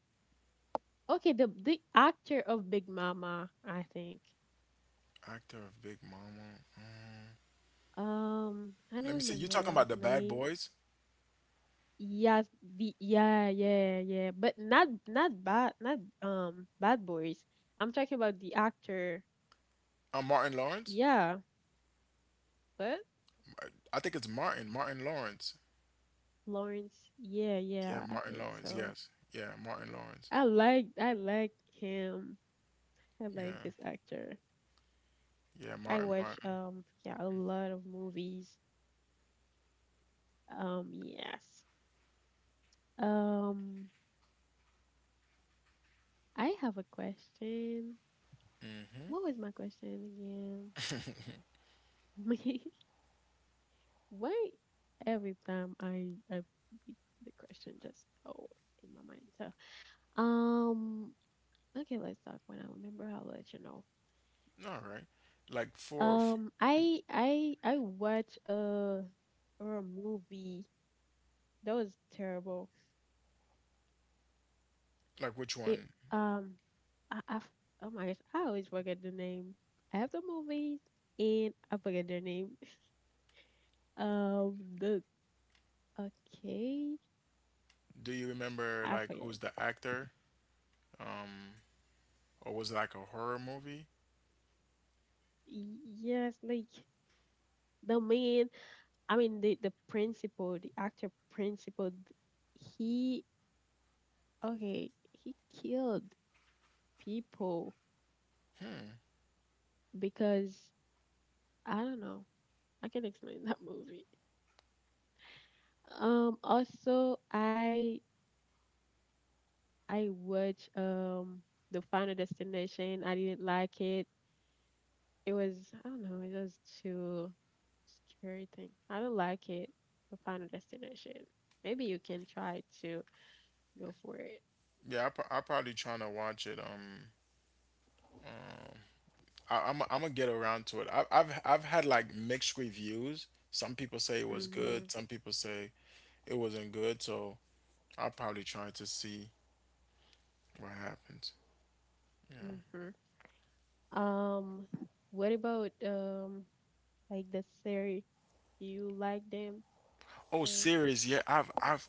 Speaker 1: Okay, the actor of Big Mama, I think.
Speaker 2: Actor of Big Mama.
Speaker 1: I don't
Speaker 2: Let me see. You
Speaker 1: remember
Speaker 2: talking
Speaker 1: his
Speaker 2: about the Bad
Speaker 1: name.
Speaker 2: Boys?
Speaker 1: Yes, the yeah, yeah, yeah, but not bad, not Bad Boys. I'm talking about the actor.
Speaker 2: Martin Lawrence.
Speaker 1: Yeah, but
Speaker 2: I I think it's Martin. Martin Lawrence.
Speaker 1: Lawrence, yeah,
Speaker 2: Yeah,
Speaker 1: yeah, I
Speaker 2: Martin
Speaker 1: think
Speaker 2: Lawrence.
Speaker 1: so.
Speaker 2: Yes. Yeah, Martin Lawrence.
Speaker 1: I like him. I like
Speaker 2: Yeah.
Speaker 1: this actor.
Speaker 2: Yeah,
Speaker 1: I
Speaker 2: Martin
Speaker 1: watch
Speaker 2: Martin.
Speaker 1: yeah, a lot of movies. Yes. Um I have a question.
Speaker 2: Mm-hmm.
Speaker 1: What was my question again? [laughs] Why every time I the question just go in my mind. So um okay, let's talk when I remember. I'll let you know.
Speaker 2: All right. Like for f-
Speaker 1: I watched a or a movie that was terrible.
Speaker 2: like which
Speaker 1: It
Speaker 2: one?
Speaker 1: um, I f- Oh my gosh, I always forget the name. I have the movies and I forget their name. [laughs] Um, the okay,
Speaker 2: Do you remember
Speaker 1: I
Speaker 2: like
Speaker 1: forget.
Speaker 2: who's the actor? Um or was it like a horror movie?
Speaker 1: Yes, like the man. I mean the principal, the actor principal. He okay, he killed people because I don't know I can explain that movie. Also, I watched the Final Destination. I didn't like it. It was, I don't know, it was too scary thing. I don't like it. The Final Destination. Maybe you can try to go for it.
Speaker 2: Yeah, I probably trying to watch it. I'm gonna get around to it. I've had like mixed reviews. Some people say it was
Speaker 1: Mhm.
Speaker 2: good. Some people say it wasn't good. So I'll probably try to see what happens. Yeah.
Speaker 1: Mhm. Um, what about like the series? Do you like them?
Speaker 2: Oh, series. Yeah, I've I've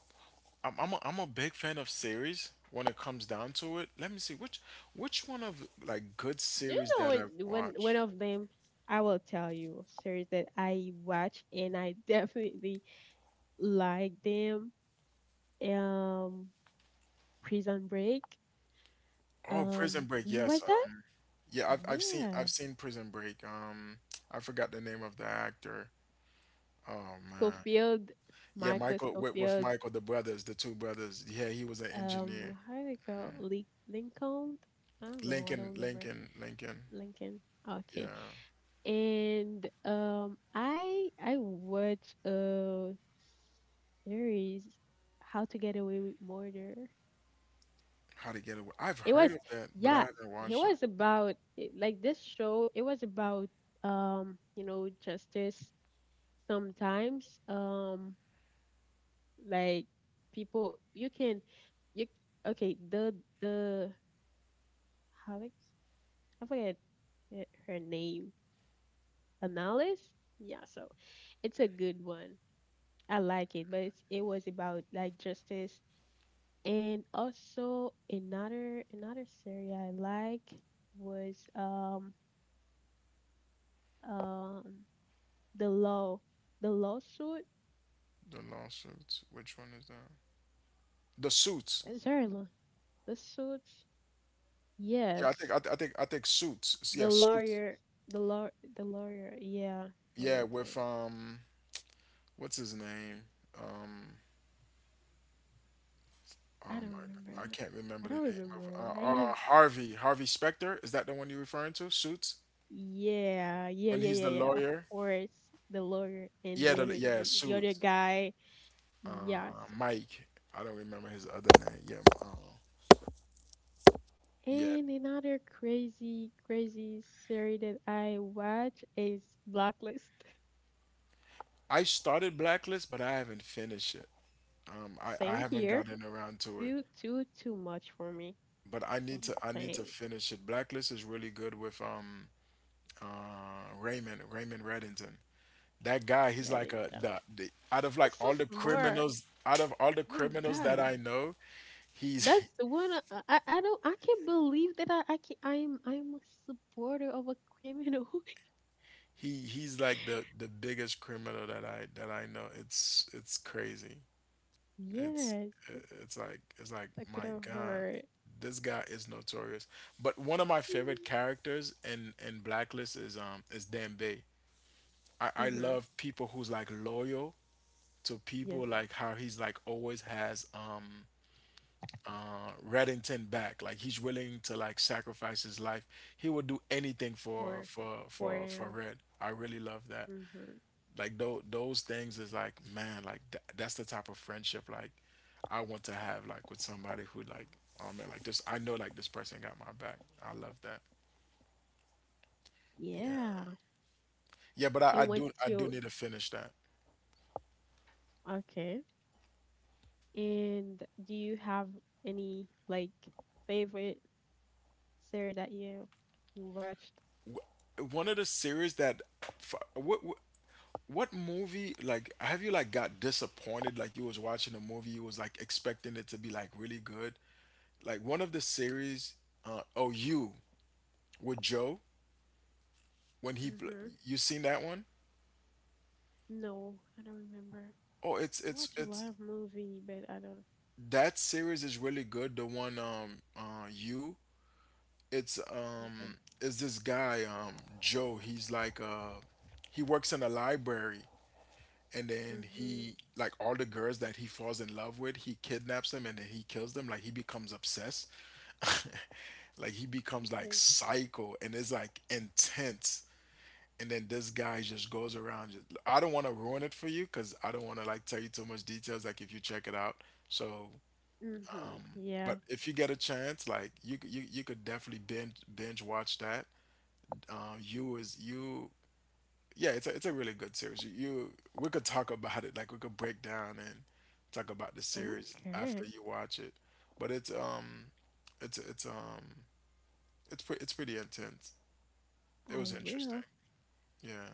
Speaker 2: I'm I'm a, I'm a big fan of series when it comes down to it. Let me see which one of like good
Speaker 1: Do you
Speaker 2: series
Speaker 1: know
Speaker 2: that
Speaker 1: when
Speaker 2: I've
Speaker 1: when one
Speaker 2: watched.
Speaker 1: of them? I will tell you series that I watch and I [laughs] definitely like them. Um, Prison Break.
Speaker 2: Oh, Prison
Speaker 1: Do
Speaker 2: Break.
Speaker 1: you
Speaker 2: Yes.
Speaker 1: watch that?
Speaker 2: Yeah, I've I've seen
Speaker 1: Yeah,
Speaker 2: I've seen Prison Break. I forgot the name of the actor. Oh man.
Speaker 1: Schofield,
Speaker 2: Yeah,
Speaker 1: Michael
Speaker 2: Michael, with
Speaker 1: Schofield.
Speaker 2: Michael, the brothers, the two brothers. Yeah, he was an engineer.
Speaker 1: How do they call Link Lincoln? I don't know. I don't remember
Speaker 2: Lincoln.
Speaker 1: Lincoln. Okay,
Speaker 2: Yeah.
Speaker 1: and I watched a series, How to Get Away with Murder.
Speaker 2: How to Get Away. I've
Speaker 1: It
Speaker 2: heard
Speaker 1: was,
Speaker 2: of that, but I
Speaker 1: yeah,
Speaker 2: haven't
Speaker 1: it
Speaker 2: watched it.
Speaker 1: was about like this show. It was about, justice, sometimes, like, people you can, you okay, the the Alex, I forget her name, analyst, yeah. So it's a good one. I like it, but it's, it was about like justice. And also another another series I like was um the law, the lawsuit,
Speaker 2: The lawsuits. Which one is that? The Suits.
Speaker 1: sorry, law, the Suits,
Speaker 2: Yeah, I think
Speaker 1: yes,
Speaker 2: I, th- I think Suits. Yeah,
Speaker 1: the
Speaker 2: Suits.
Speaker 1: lawyer, the law, the lawyer, yeah,
Speaker 2: Yeah,
Speaker 1: lawyer thing.
Speaker 2: with what's his name? Um,
Speaker 1: I
Speaker 2: Oh
Speaker 1: don't remember
Speaker 2: my, I
Speaker 1: now.
Speaker 2: can't
Speaker 1: I
Speaker 2: remember the
Speaker 1: don't
Speaker 2: name of
Speaker 1: remember. I have,
Speaker 2: Harvey, Harvey Specter. Is that the one you're referring to? Suits,
Speaker 1: yeah, yeah,
Speaker 2: when
Speaker 1: yeah,
Speaker 2: he's the
Speaker 1: yeah, yeah, of
Speaker 2: lawyer.
Speaker 1: course, the lawyer and
Speaker 2: Yeah,
Speaker 1: the
Speaker 2: the
Speaker 1: other,
Speaker 2: yeah
Speaker 1: the other
Speaker 2: Suits.
Speaker 1: guy. Yes.
Speaker 2: Mike. I don't remember his other name. Yeah, yeah.
Speaker 1: And another crazy, crazy series that I watch is Blacklist.
Speaker 2: I started Blacklist, but I haven't finished it.
Speaker 1: [laughs]
Speaker 2: I
Speaker 1: Same
Speaker 2: haven't
Speaker 1: here.
Speaker 2: gotten around to it,
Speaker 1: Too much for me.
Speaker 2: but I
Speaker 1: Too
Speaker 2: need
Speaker 1: much
Speaker 2: to, I need to
Speaker 1: pain.
Speaker 2: finish it. Blacklist is really good with Raymond, Raymond Reddington. That guy, he's like
Speaker 1: Writing
Speaker 2: a
Speaker 1: down.
Speaker 2: the, the out of like
Speaker 1: That's so
Speaker 2: all the
Speaker 1: smart.
Speaker 2: criminals,
Speaker 1: My
Speaker 2: that
Speaker 1: God,
Speaker 2: I know. He's
Speaker 1: that's the one. Uh, I don't. I can't believe that I can. I'm a supporter of a criminal.
Speaker 2: [laughs] he's like the biggest criminal that I know. It's crazy.
Speaker 1: [laughs]
Speaker 2: It's
Speaker 1: Yes, that's
Speaker 2: it's like
Speaker 1: a
Speaker 2: my
Speaker 1: criminal
Speaker 2: God,
Speaker 1: horror.
Speaker 2: this guy is notorious. But one of my favorite characters in Blacklist is Dan Bay. I
Speaker 1: Mm-hmm.
Speaker 2: love people who's like loyal to people,
Speaker 1: Yes,
Speaker 2: like how he's like always has Reddington back, like he's willing to like sacrifice his life. He would do anything for
Speaker 1: for, for um.
Speaker 2: Red. I really love that.
Speaker 1: Mm-hmm.
Speaker 2: Like those things is like, man, like that's the type of friendship like I want to have, like with somebody who like, oh man, like this, I know like this person got my back. I love that. Yeah.
Speaker 1: Yeah.
Speaker 2: Yeah, but I,
Speaker 1: And
Speaker 2: I
Speaker 1: what's
Speaker 2: do I do
Speaker 1: your.
Speaker 2: need to finish that.
Speaker 1: Okay. And do you have any, like, favorite series that you watched?
Speaker 2: One of the series that what movie like have you like got disappointed, like you was watching a movie you was like expecting it to be like really good, like one of the series. Oh, you with Joe, when he pl-
Speaker 1: Mhm.
Speaker 2: you seen that one?
Speaker 1: No, I don't remember.
Speaker 2: Oh,
Speaker 1: I watch a lot
Speaker 2: it's
Speaker 1: of movie, but I don't.
Speaker 2: that series is really good. The one you it's
Speaker 1: Okay.
Speaker 2: is this guy, Joe. He's like he works in a library, and then
Speaker 1: Mhm.
Speaker 2: he like all the girls that he falls in love with, he kidnaps them and then he kills them. Like he becomes obsessed. [laughs] Like he becomes like
Speaker 1: Okay.
Speaker 2: psycho and it's like intense. And then this guy just goes around. Just, I don't want to ruin it for you because I don't want to like tell you too much details. Like if you check it out, so.
Speaker 1: Mhm. Yeah.
Speaker 2: But if you get a chance, like you you you could definitely binge watch that. You is you Yeah, it's a, it's a really good series. You we could talk about it, like we could break down and talk about the series after
Speaker 1: Okay.
Speaker 2: you watch it. But it's it's it's um it's it's pretty intense. It
Speaker 1: I
Speaker 2: was interesting.
Speaker 1: will.
Speaker 2: Yeah,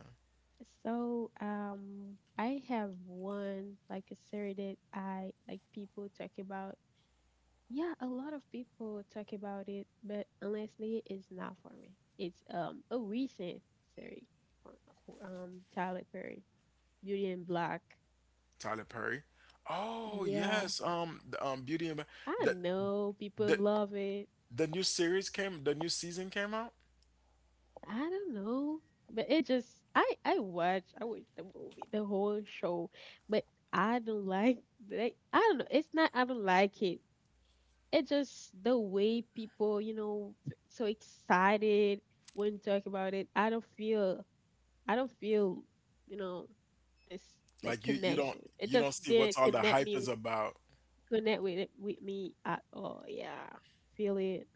Speaker 1: So, I have one, like, a series that I like, people talk about. Yeah, a lot of people talk about it, but honestly, it's not for me. It's a recent series for, for Tyler Perry, Beauty and Black.
Speaker 2: Tyler Perry. Oh
Speaker 1: Yeah,
Speaker 2: yes, the, Beauty and
Speaker 1: I
Speaker 2: the
Speaker 1: know people
Speaker 2: the
Speaker 1: love it.
Speaker 2: new series came, the new season came out.
Speaker 1: I don't know, but it just, I watch, I watch the movie, the whole show, but I don't like I don't know. It's not, I don't like it. It just the way people, you know, so excited when talk about it. I don't feel, I don't feel, you know, this, like,
Speaker 2: Like you don't,
Speaker 1: connection. It
Speaker 2: you don't
Speaker 1: just
Speaker 2: see what's
Speaker 1: didn't
Speaker 2: all the
Speaker 1: connect
Speaker 2: hype
Speaker 1: me,
Speaker 2: is about.
Speaker 1: connect with it with me at all. Yeah, feel it.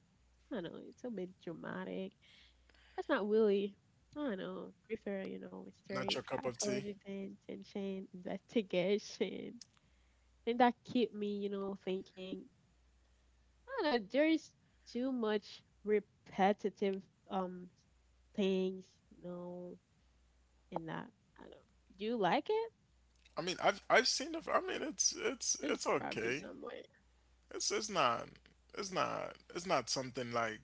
Speaker 1: I don't know, it's a bit dramatic. That's not really. I don't know. Prefer, you know,
Speaker 2: Not
Speaker 1: mystery,
Speaker 2: your cup of tea.
Speaker 1: psychology, thing, tension, investigation. And that keep me, you know, thinking. I don't know. There is too much repetitive um things, you know, in that. I don't. Do you like it?
Speaker 2: I mean, I've seen the. I mean, it's
Speaker 1: Just grab me
Speaker 2: okay.
Speaker 1: somewhere.
Speaker 2: It's it's not it's not something like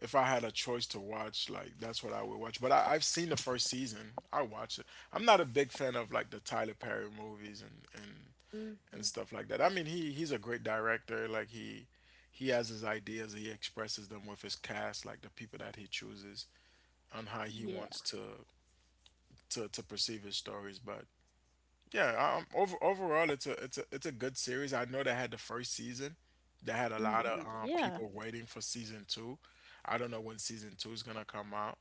Speaker 2: if I had a choice to watch, like that's what I would watch. But I, I've seen the first season. I watch it. I'm not a big fan of like the Tyler Perry movies and
Speaker 1: Mm-hmm.
Speaker 2: stuff like that. I mean, he's a great director. Like he has his ideas. He expresses them with his cast, like the people that he chooses on how he
Speaker 1: Yeah.
Speaker 2: wants to to perceive his stories. But yeah, overall, it's a good series. I know they had the first season. They had a lot of
Speaker 1: Mm-hmm. Yeah.
Speaker 2: people waiting for season two. I don't know when season two is gonna come out.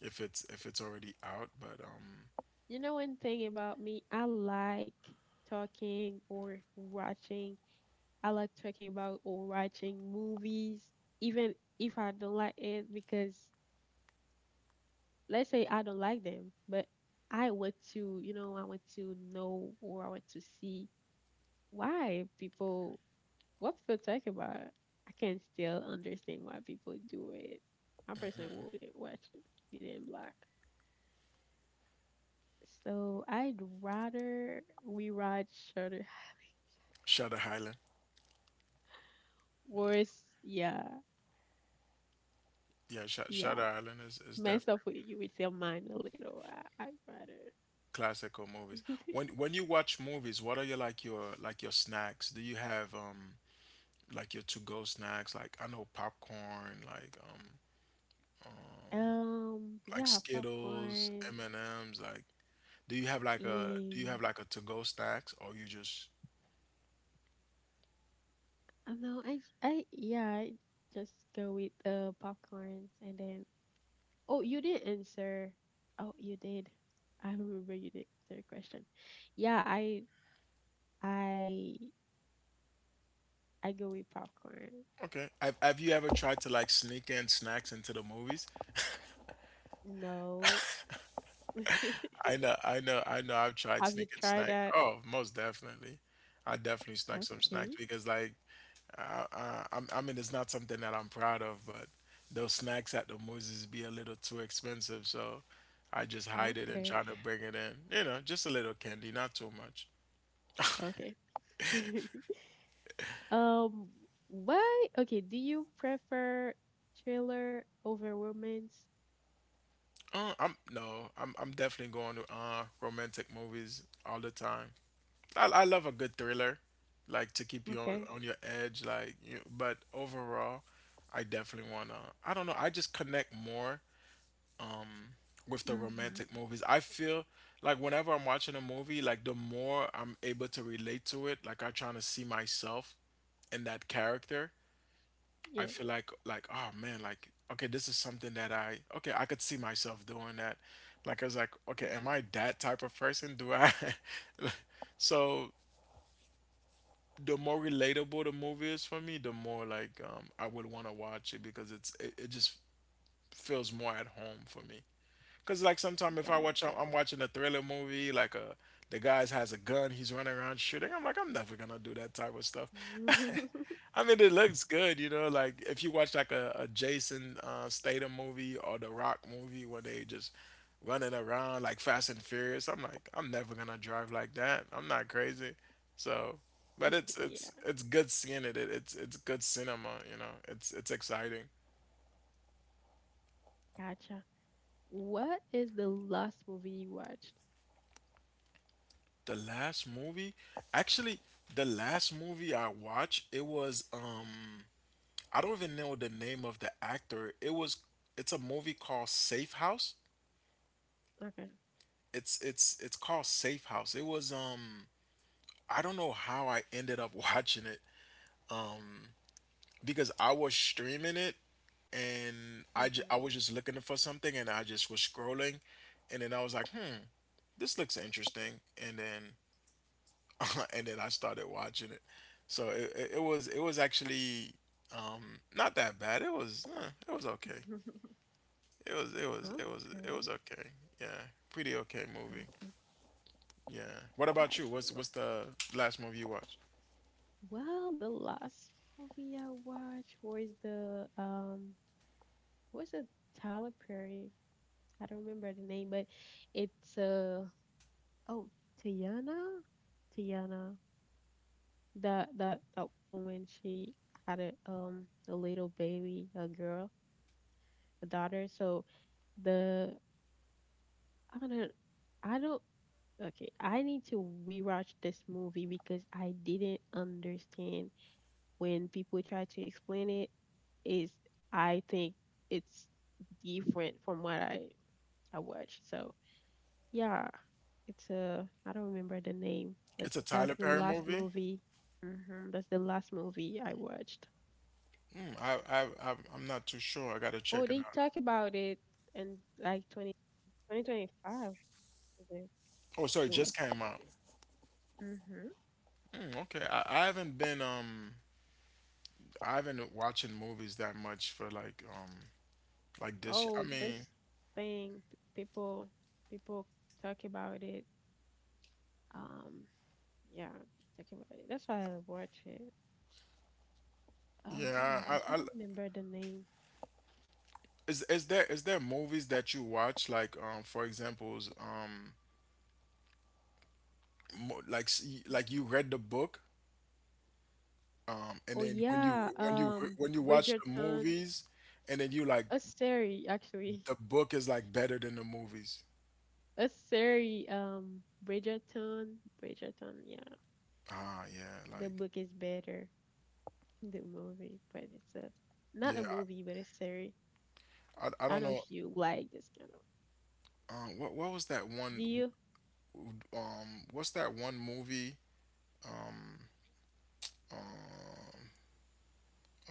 Speaker 2: If it's already out, but
Speaker 1: You know, one thing about me, I like talking or watching. I like talking about or watching movies, even if I don't like it, because let's say I don't like them, but I want to, you know, I want to know or I want to see why people, what people talk about. I can still understand why people do it. I personally wouldn't watch it if it didn't black. So I'd rather we ride shorter
Speaker 2: Shutter Island,
Speaker 1: worse. Yeah,
Speaker 2: yeah,
Speaker 1: yeah.
Speaker 2: Shutter Island is
Speaker 1: Mess up
Speaker 2: definitely
Speaker 1: with you with your mind a little. I'd rather.
Speaker 2: classical movies. When you watch movies, what are your like your snacks? Do you have like your to go snacks? Like I know popcorn,
Speaker 1: [laughs]
Speaker 2: like
Speaker 1: Yeah,
Speaker 2: Skittles,
Speaker 1: popcorn
Speaker 2: M and M's, like do you have like a, do you
Speaker 1: and
Speaker 2: have like a to go snacks or you just
Speaker 1: I don't know. I j- I yeah, I just go with the popcorns and then. Oh, you didn't answer. Oh, you did. I remember you did not answer a question. Yeah, I I go with popcorn.
Speaker 2: okay? Have you ever tried to like sneak in snacks into the movies?
Speaker 1: No. [laughs]
Speaker 2: I know. I've tried
Speaker 1: Have you
Speaker 2: sneaking
Speaker 1: tried
Speaker 2: snack.
Speaker 1: that?
Speaker 2: Oh, most definitely. I definitely snuck some
Speaker 1: Okay,
Speaker 2: snacks because like I'm, I mean it's not something that I'm proud of, but those snacks at the movies be a little too expensive, so I just hide it and
Speaker 1: okay,
Speaker 2: try to bring it in. You know, just a little candy, not too much.
Speaker 1: okay. [laughs] um, why? Okay, do you prefer thriller over romance?
Speaker 2: I'm no, I'm definitely going to romantic movies all the time. I love a good thriller, like to keep you
Speaker 1: Okay.
Speaker 2: on your edge, like you. But overall, I definitely wanna. I don't know. I just connect more with the
Speaker 1: Mm-hmm.
Speaker 2: romantic movies. I feel like whenever I'm watching a movie, like the more I'm able to relate to it, like I'm trying to see myself in that character. I
Speaker 1: Yeah,
Speaker 2: feel like oh man, like okay, this is something that I, okay, I could see myself doing that. Like I was like, okay,
Speaker 1: yeah,
Speaker 2: am I that type of person? Do I? [laughs] So the more relatable the movie is for me, the more like I would want to watch it because it's it, it just feels more at home for me. Cause like sometimes if I watch,
Speaker 1: gotcha.
Speaker 2: I'm watching a thriller movie, like a the guy's has a gun, he's running around shooting. I'm like, I'm never gonna do that type of stuff. [laughs]
Speaker 1: [laughs]
Speaker 2: I mean, it looks good, you know. Like if you watch like a Jason Statham movie or The Rock movie, where they just running around like Fast and Furious, I'm like, I'm never gonna drive like that. I'm not crazy. So, but it's
Speaker 1: Yeah,
Speaker 2: it's it's good seeing it. It's it's good cinema, you know. It's exciting.
Speaker 1: gotcha. What is the last movie you watched?
Speaker 2: The last movie, actually, the last movie I watched, it was I don't even know the name of the actor. It was, it's a movie called Safe House.
Speaker 1: Okay.
Speaker 2: It's it's called Safe House. It was I don't know how I ended up [laughs] watching it. Um, because I was streaming it and
Speaker 1: Mm-hmm.
Speaker 2: I was just looking for something and I just was scrolling, and then I was like, hmm, this looks interesting, and then [laughs] and then I started watching it. So it was, it was actually not that bad. It was eh, it was okay.
Speaker 1: [laughs]
Speaker 2: It was
Speaker 1: Okay,
Speaker 2: okay. Yeah, pretty okay movie.
Speaker 1: okay,
Speaker 2: Yeah. What about you? What's
Speaker 1: gotcha.
Speaker 2: the last movie you watched?
Speaker 1: Well, the last movie I watched was the what's a Tyler Perry? I don't remember the name, but it's uh, oh, Tiana, Tiana. That woman, she had a a little baby, a girl, a daughter. So the, I don't know, I don't. Okay, I need to rewatch this movie because I didn't understand when people try to explain it. Is, I think it's different from what I watched. So yeah, it's a, I don't remember the name, but
Speaker 2: It's a
Speaker 1: that's
Speaker 2: Tyler
Speaker 1: the
Speaker 2: Perry
Speaker 1: last
Speaker 2: movie.
Speaker 1: movie. Hmm. That's the last movie I watched.
Speaker 2: Mm, I'm not too sure. I gotta
Speaker 1: Oh,
Speaker 2: check it
Speaker 1: they
Speaker 2: out.
Speaker 1: talk about it in like twenty five. Is it
Speaker 2: Oh, sorry,
Speaker 1: the
Speaker 2: it just
Speaker 1: last
Speaker 2: came out.
Speaker 1: movie. Hmm.
Speaker 2: Mm, okay, I haven't been watching movies that much for like this year.
Speaker 1: Oh,
Speaker 2: I mean,
Speaker 1: this thing people people talk about it. Um, yeah, talk about it. That's why I watch it. Oh my
Speaker 2: yeah,
Speaker 1: gosh, I don't remember the name.
Speaker 2: is there, is there movies that you watch like for examples
Speaker 1: Mm.
Speaker 2: like you read the book and
Speaker 1: Oh
Speaker 2: then when you
Speaker 1: yeah,
Speaker 2: when you watch the
Speaker 1: Bridgerton,
Speaker 2: movies and then you like
Speaker 1: a series actually.
Speaker 2: the book is like better than the movies.
Speaker 1: A sorry, Bridgerton. Bridgerton, yeah.
Speaker 2: Ah yeah,
Speaker 1: The
Speaker 2: like
Speaker 1: book is better than the movie, but it's a, not
Speaker 2: yeah.
Speaker 1: a movie, but a series.
Speaker 2: I
Speaker 1: I
Speaker 2: don't
Speaker 1: don't know
Speaker 2: know
Speaker 1: if you like this kind of.
Speaker 2: what was that one
Speaker 1: Do you?
Speaker 2: what's that one movie?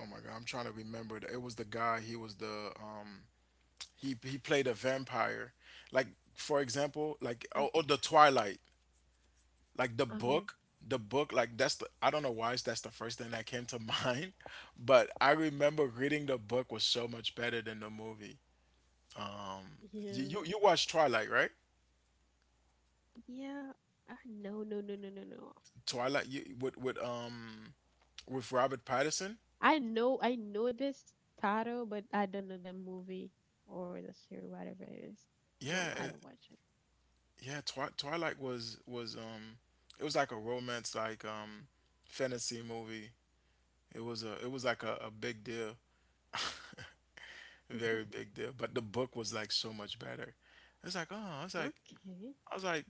Speaker 2: Oh my God, I'm trying to remember. It was the guy, he was the he played a vampire. Like for example, like
Speaker 1: Uh,
Speaker 2: oh the Twilight. Like the
Speaker 1: okay.
Speaker 2: book, like, that's the— I don't know why that's the first thing that came to [laughs] mind. But I remember reading, the book was so much better than the movie. you you,
Speaker 1: Yeah.
Speaker 2: you watched Twilight, right?
Speaker 1: Yeah. I no, no, no, no, no, no.
Speaker 2: Twilight, you— with Robert Pattinson.
Speaker 1: I know, I know this title, but I don't know the movie or the series, whatever it is.
Speaker 2: Yeah,
Speaker 1: No, I
Speaker 2: it—
Speaker 1: don't watch it.
Speaker 2: yeah, Twilight was— it was like a romance, like fantasy movie. It was like a big deal. Very
Speaker 1: [laughs]
Speaker 2: big deal, but the book was like so much better. It's like, oh, it's like,
Speaker 1: Okay.
Speaker 2: I was like,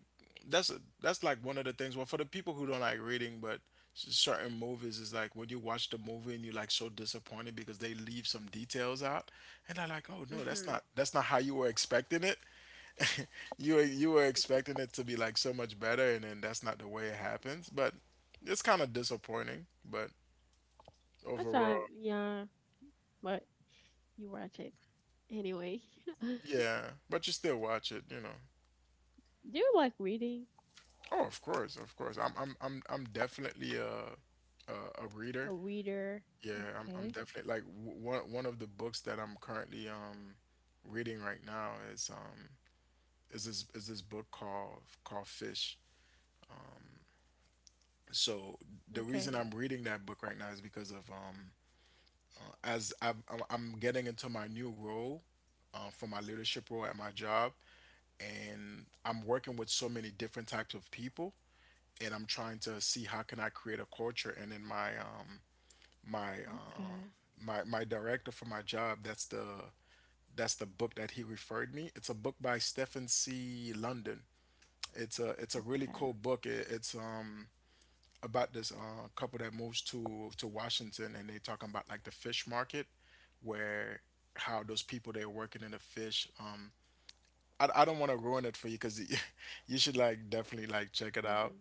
Speaker 2: that's a— that's like one of the things. Well, for the people who don't like reading, but certain movies is like when you watch the movie and you're like so disappointed because they leave some details out. And I'm like, oh no, that's not
Speaker 1: Mhm.
Speaker 2: that's not how you were expecting it. [laughs] You were expecting it to be like so much better, and then that's not the way it happens. But it's kind of disappointing. But
Speaker 1: That's
Speaker 2: overall,
Speaker 1: all. Yeah, but you watch it anyway. [laughs] Do
Speaker 2: yeah. But you still watch it.
Speaker 1: you like reading?
Speaker 2: Oh, of course, of course. I'm definitely a a reader.
Speaker 1: A reader?
Speaker 2: Yeah, I'm
Speaker 1: Okay,
Speaker 2: definitely like— one of the books that I'm currently reading right now is is this book called Fish. So the
Speaker 1: okay,
Speaker 2: reason I'm reading that book right now is because of— as I've— I'm getting into my new role, for my leadership role at my job, and I'm working with so many different types of people, and I'm trying to see how can I create a culture. And then my uh
Speaker 1: okay,
Speaker 2: my director for my job, that's the That's the book that he referred me. It's a book by Stephen C. London. It's a really
Speaker 1: okay,
Speaker 2: cool book. It's about this couple that moves to Washington, and they talking about like the fish market, where— how those people they're working in the fish. I don't want to ruin it for you, because [laughs] you should like definitely like check it out.
Speaker 1: mm-hmm.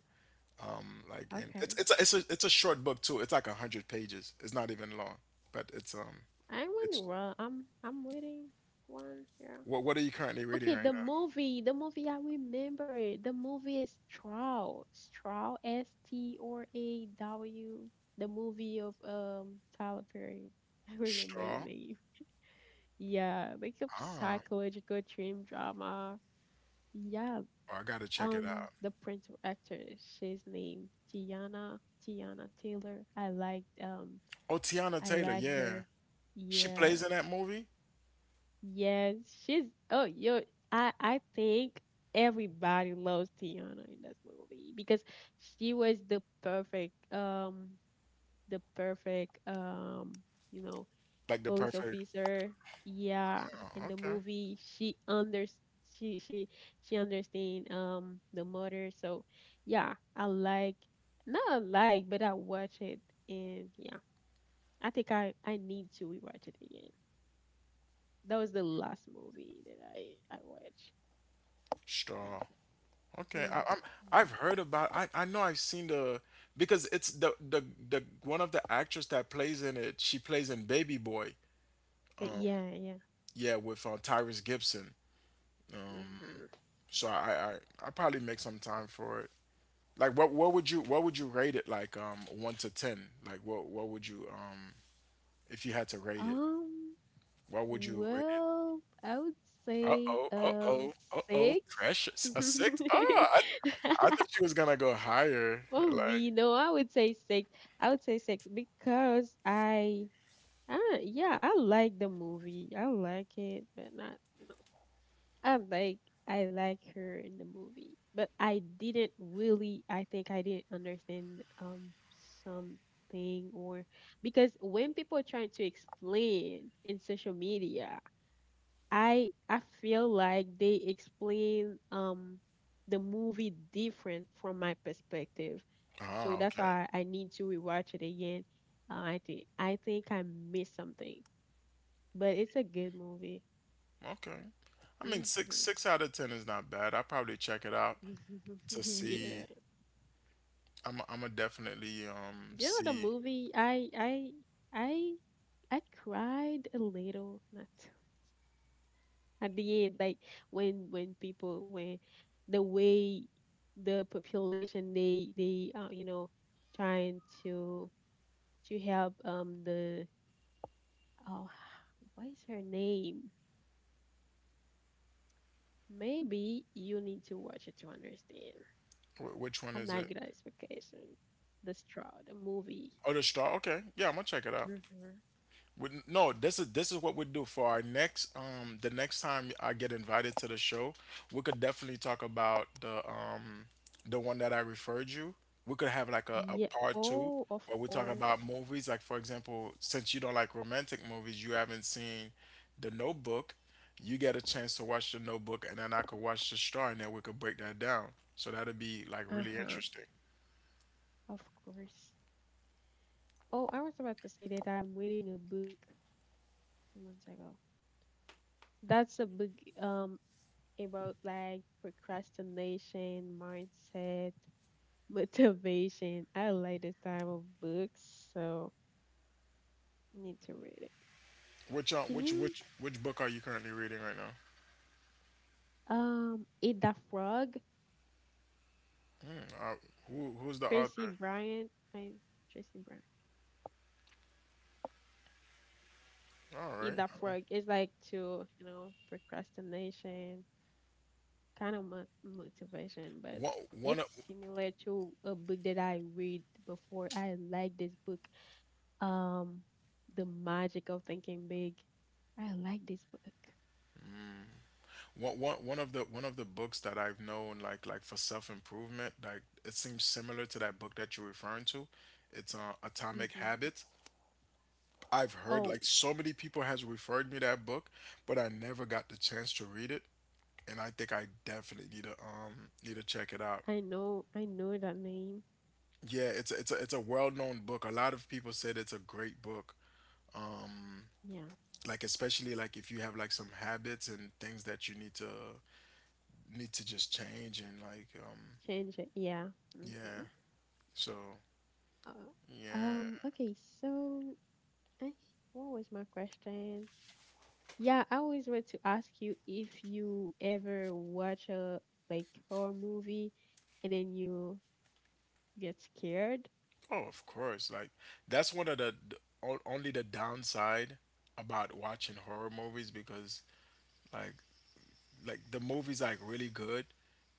Speaker 2: Like, and
Speaker 1: Okay.
Speaker 2: it's a short book too. It's like 100 pages. It's not even long, but
Speaker 1: I wonder.
Speaker 2: it's—
Speaker 1: Well, I'm reading one. Yeah.
Speaker 2: what are you currently reading
Speaker 1: Okay,
Speaker 2: right
Speaker 1: the
Speaker 2: now?
Speaker 1: movie. The movie. I remember it. The movie is Straw. Straw. S T R A W. The movie of Tyler Perry. [laughs] I remember the
Speaker 2: Straw.
Speaker 1: name. Yeah, like a
Speaker 2: Ah.
Speaker 1: psychological dream drama. Yeah.
Speaker 2: Oh, I gotta check it out.
Speaker 1: The principal actress, she's named Tiana Taylor.
Speaker 2: Oh, Tiana
Speaker 1: I
Speaker 2: Taylor,
Speaker 1: like
Speaker 2: yeah.
Speaker 1: her.
Speaker 2: She
Speaker 1: Yeah,
Speaker 2: plays in that movie?
Speaker 1: yes, she's. Oh, yo, I think everybody loves Tiana in this movie because she was the perfect you know,
Speaker 2: Like the
Speaker 1: police
Speaker 2: perfect.
Speaker 1: officer. Yeah, in
Speaker 2: Oh,
Speaker 1: the
Speaker 2: okay.
Speaker 1: movie, she she understand the murder. So yeah, I like, not I like, but I watch it. And yeah, I think I need to rewatch it again. That was the last movie that I watched
Speaker 2: Straw.
Speaker 1: actually.
Speaker 2: Okay.
Speaker 1: Mm.
Speaker 2: I've heard about— I know I've seen the— because it's the one of the actress that plays in it, she plays in Baby Boy.
Speaker 1: But yeah, yeah.
Speaker 2: Yeah, with Tyrese Gibson.
Speaker 1: Hmm.
Speaker 2: So I probably make some time for it. Like what would you— rate it like, 1 to 10? Like what would you if you had to rate it?
Speaker 1: Um,
Speaker 2: What would you rate it?
Speaker 1: well, I would say
Speaker 2: Uh-oh, uh-oh, uh-oh.
Speaker 1: six.
Speaker 2: Precious. A 6?
Speaker 1: [laughs]
Speaker 2: Oh, I thought she was gonna go higher. Like,
Speaker 1: Probably no, I would say six. I would say six because I, yeah, I like the movie. I like it, but not, you know. I'm like, I like her in the movie, but I didn't really. I think I didn't understand something, or because when people are trying to explain in social media, I feel like they explain the movie different from my perspective. So
Speaker 2: oh,
Speaker 1: that's
Speaker 2: okay.
Speaker 1: why I need to rewatch it again. I think I missed something, but it's a good movie.
Speaker 2: Okay. I mean,
Speaker 1: Hmm.
Speaker 2: 6 out of 10 is not bad. I'll probably check it out
Speaker 1: [laughs]
Speaker 2: to see.
Speaker 1: Yeah,
Speaker 2: I'm gonna definitely
Speaker 1: you know the
Speaker 2: see
Speaker 1: movie. I I cried a little. Not. At the end, like when people when the way the population, they you know, trying to help the, oh [sighs] what is her name, maybe you need to watch it to understand.
Speaker 2: which one
Speaker 1: I'm
Speaker 2: is it.
Speaker 1: not good at expectation. The Straw, the movie.
Speaker 2: Oh, the Straw. Okay, yeah, I'm gonna check it out.
Speaker 1: Mm-hmm.
Speaker 2: No, this is what we do for our next— the next time I get invited to the show. We could definitely talk about the one that I referred you. We could have like a
Speaker 1: Yeah,
Speaker 2: part two
Speaker 1: oh, of
Speaker 2: where we talk about
Speaker 1: course.
Speaker 2: movies. Like for example, since you don't like romantic movies, you haven't seen The Notebook. You get a chance to watch The Notebook, and then I could watch The Star, and then we could break that down. So that'd be like really
Speaker 1: Uh-huh,
Speaker 2: interesting.
Speaker 1: of course. Oh, I was about to say that I'm reading a book two months ago. That's a book, um, about like procrastination, mindset, [laughs] motivation. I like this type of books, so need to read it.
Speaker 2: Which
Speaker 1: Can you,
Speaker 2: which book are you currently reading right now?
Speaker 1: Eat That Frog?
Speaker 2: Hmm. Who who's the
Speaker 1: Tracy
Speaker 2: author?
Speaker 1: Bryant. I Tracy Bryant.
Speaker 2: All
Speaker 1: Eat
Speaker 2: right.
Speaker 1: That Frog. It's like to, you know, procrastination, kind of motivation, but
Speaker 2: One one of
Speaker 1: it's similar to a book that I read before. I like this book, um, The Magic of Thinking Big. I like this book.
Speaker 2: one one one of the One of the books that I've known like for self improvement, like it seems similar to that book that you're referring to. It's Atomic
Speaker 1: Hmm.
Speaker 2: Habits. I've heard
Speaker 1: Oh,
Speaker 2: like so many people has referred me that book, but I never got the chance to read it. And I think I definitely need to check it out.
Speaker 1: I know that name.
Speaker 2: Yeah, it's a well-known book. A lot of people said it's a great book. Um,
Speaker 1: Yeah,
Speaker 2: like especially, like if you have like some habits and things that you need to need to just change, and like.
Speaker 1: change it. Yeah. Hmm.
Speaker 2: Yeah. So
Speaker 1: Uh,
Speaker 2: yeah.
Speaker 1: Okay. So, I, what was my question? Yeah, I always want to ask you if you ever watch a like horror movie and then you get scared.
Speaker 2: Oh, of course, like that's one of the— only the downside about watching horror movies, because like like the movie's like really good,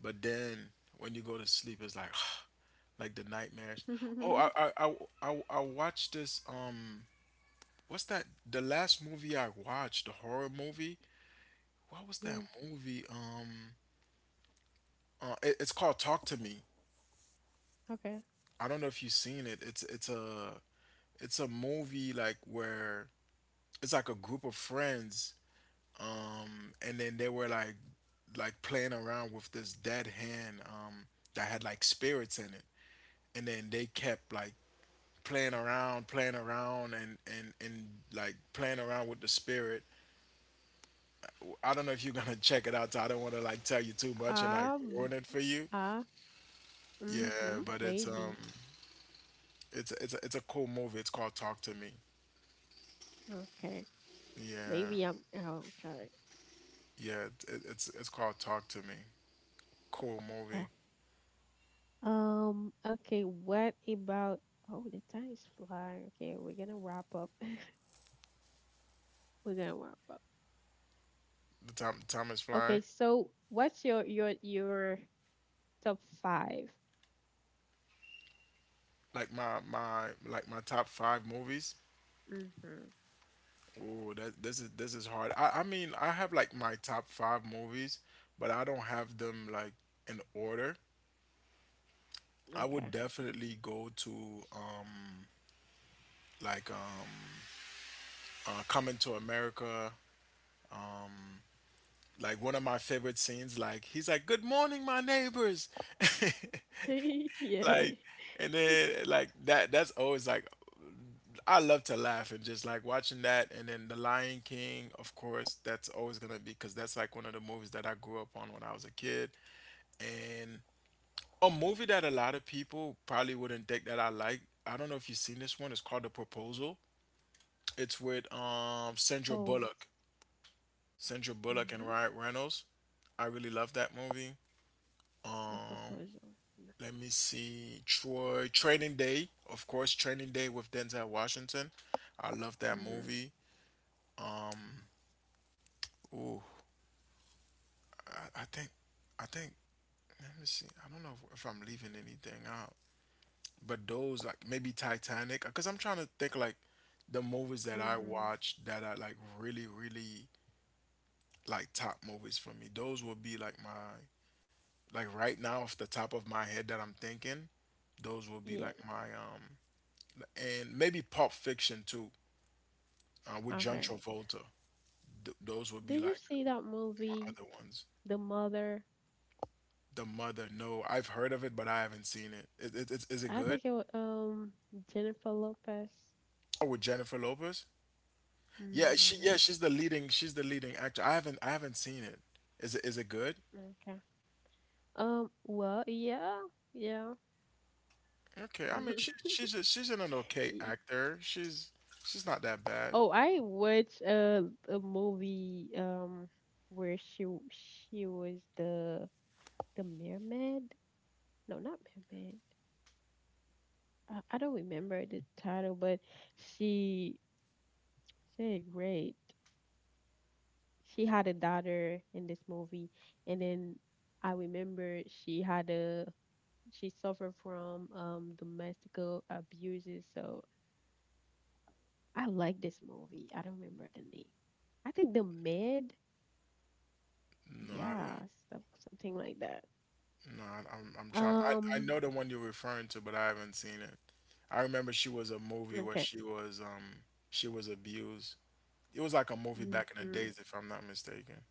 Speaker 2: but then when you go to sleep it's like [sighs] like the nightmares. Oh,
Speaker 1: [laughs]
Speaker 2: I watched this— what's that— the last movie I watched, the horror movie— what was that
Speaker 1: Yeah.
Speaker 2: movie, it's called Talk to Me.
Speaker 1: Okay.
Speaker 2: I don't know if you've seen it. It's a movie like where it's like a group of friends, and then they were like, playing around with this dead hand, that had like spirits in it. And then they kept like playing around, and like playing around with the spirit. I don't know if you're gonna [laughs] check it out. So I don't want to like tell you too much and like
Speaker 1: Um.
Speaker 2: ruin it for you.
Speaker 1: Ah.
Speaker 2: Yeah,
Speaker 1: Mhm.
Speaker 2: but
Speaker 1: Maybe.
Speaker 2: it's a cool movie. It's called Talk to Me.
Speaker 1: Okay.
Speaker 2: Yeah.
Speaker 1: Maybe I'm. Oh, sorry.
Speaker 2: Yeah, it's called Talk to Me. Cool
Speaker 1: Eh,
Speaker 2: movie.
Speaker 1: Okay. What about? Oh, the time's flying. Okay, we're gonna wrap up. [laughs] We're gonna wrap up.
Speaker 2: The time is
Speaker 1: Okay.
Speaker 2: flying.
Speaker 1: So, what's your your top 5?
Speaker 2: Like my top five movies.
Speaker 1: Mm-hmm.
Speaker 2: Ooh, that this is hard. I mean, I have like my top five movies, but I don't have them like in order. I
Speaker 1: Okay.
Speaker 2: would
Speaker 1: Gotcha.
Speaker 2: definitely go to um like um Coming to America. Like one of my favorite scenes. Like he's like, "Good morning, my neighbors," [laughs]
Speaker 1: [laughs] Yeah.
Speaker 2: like, and then like that. That's always like— I love to laugh and just like watching that. And then The Lion King. Of course, that's always gonna be, because that's like one of the movies that I grew up on when I was a kid. And a movie that a lot of people probably wouldn't think that I like. I don't know if you've seen this one. It's called The Proposal. It's with Sandra
Speaker 1: Oh.
Speaker 2: Bullock— Sandra Bullock and
Speaker 1: Hmm.
Speaker 2: Ryan Reynolds. I really love that movie.
Speaker 1: The
Speaker 2: Um,
Speaker 1: Proposal. Yeah.
Speaker 2: let me see, Troy, Training Day— of course, Training Day with Denzel Washington. I love that
Speaker 1: Mhm.
Speaker 2: movie. Um, ooh, I, I think I think, let me see. I don't know if I'm leaving anything out, but those— like maybe Titanic, because I'm trying to think like the movies that I
Speaker 1: Mm-hmm.
Speaker 2: watched that are like really really like top movies for me. Those will be like my— like right now off the top of my head that I'm thinking. Those will be
Speaker 1: Yeah.
Speaker 2: like my— and maybe Pulp Fiction too, with John
Speaker 1: Okay.
Speaker 2: Travolta. Those would be
Speaker 1: Did you
Speaker 2: like
Speaker 1: see that
Speaker 2: my
Speaker 1: movie,
Speaker 2: other ones.
Speaker 1: The Mother?
Speaker 2: The Mother? No, I've heard of it, but I haven't seen it. Is it
Speaker 1: I
Speaker 2: good?
Speaker 1: think it was Jennifer Lopez.
Speaker 2: Oh, with Jennifer Lopez? Yeah, she
Speaker 1: Mm-hmm.
Speaker 2: yeah, she's the leading actor. I haven't seen it. Is it good?
Speaker 1: Okay. Well. Yeah. Yeah.
Speaker 2: Okay, I mean
Speaker 1: [laughs]
Speaker 2: she's an okay
Speaker 1: Y-
Speaker 2: actor. She's not that bad.
Speaker 1: Oh, I watched a movie, um, where she was the mermaid. No, not mermaid. I don't remember the title, but she she did great. She had a daughter in this movie, and then I remember she had a, she suffered from domestical abuses. So I like this movie. I don't remember the name. I think The Med,
Speaker 2: No, I haven't.
Speaker 1: yeah, stuff, something like that.
Speaker 2: No, I'm trying. I
Speaker 1: Um,
Speaker 2: know the one you're referring to, but I haven't seen it. I remember she was a movie where
Speaker 1: okay.
Speaker 2: she was abused. It was like a movie back in the
Speaker 1: Hmm,
Speaker 2: days, if I'm not mistaken.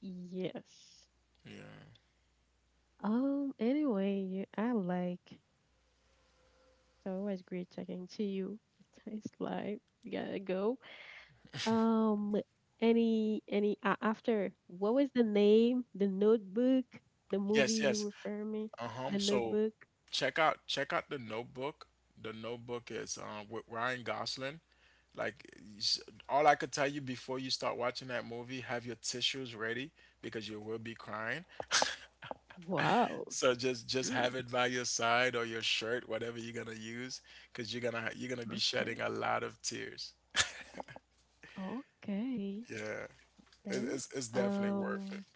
Speaker 1: yes.
Speaker 2: Yeah.
Speaker 1: Um, anyway, I like, so it was great talking to you. [laughs] It's live, we gotta go. Um, any after, what was the name? The Notebook, the
Speaker 2: Yes,
Speaker 1: movie you were
Speaker 2: yes.
Speaker 1: referring me,
Speaker 2: Uh-huh.
Speaker 1: The
Speaker 2: So
Speaker 1: Notebook.
Speaker 2: check out The Notebook. The Notebook is with Ryan Gosling. Like you all I could tell you, before you start watching that movie, have your tissues ready because you will be crying.
Speaker 1: Wow.
Speaker 2: So just
Speaker 1: Mm,
Speaker 2: have it by your side or your shirt, whatever you're gonna use, because you're gonna be
Speaker 1: okay.
Speaker 2: shedding a lot of tears.
Speaker 1: Okay.
Speaker 2: Yeah.
Speaker 1: Right.
Speaker 2: It's definitely worth it.
Speaker 1: Um.